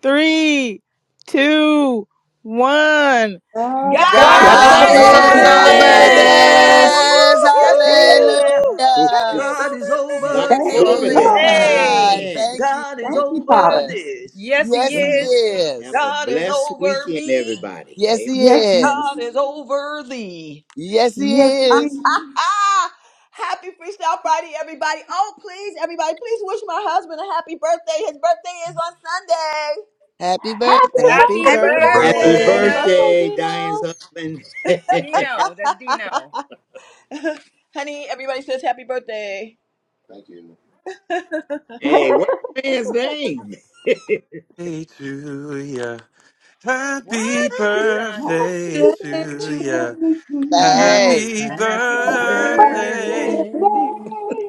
Three, two, one.
God's
God's
God's
over
God's
God's
God
God
over
God
this.
God's
is
over
over
over
is
over
this.
over
over
over
this.
this.
this.
this. Whoop,
this.
this.
this.
Whoop,
whoop. Yes,
whoop, whoop,
he is
Woo.
whoop.
now.
Woo!
Hallelujah.
God is
He's
God's
over this.
over
over
Praise
this.
this.
God.
Yes.
Hey.
Amen.
Thank you,
God is over
Father,
Jesus.
this.
Yes,
Yes,
he
He
is.
And have
is.
a
God is
blessed
over
weekend,
me.
everybody. Amen.
Yes, He
Yes.
is.
God is over thee.
Yes, He is.
Ah, happy Freestyle Friday, everybody. Oh, please, everybody, please wish my husband a happy birthday. His birthday is on Sunday.
Happy birthday.
Happy
Happy
Happy
birthday.
Happy
Birthday.
Happy
birthday,
birthday.
Happy
Birthday
birthday.
birthday,
Dino.
birthday, Diane's
Gino.
husband.
Dino, that's Dino.
Honey, everybody says happy birthday.
hey, what's the man's name?
Hey to ya.
What?
Happy
Come on, Sean.
Happy
birthday
birthday
to ya.
to you.
Thanks.
Happy
Happy
Happy
Happy
birthday.
birthday.
birthday.
birthday.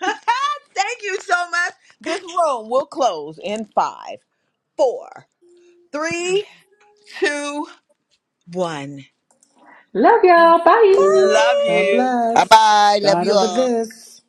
Thank you so much. This room will close in five, four, three, two, one.
Love y'all. Bye.
Love
God
you.
Bye
bless.
bye. Love
God
you
over
all.
this.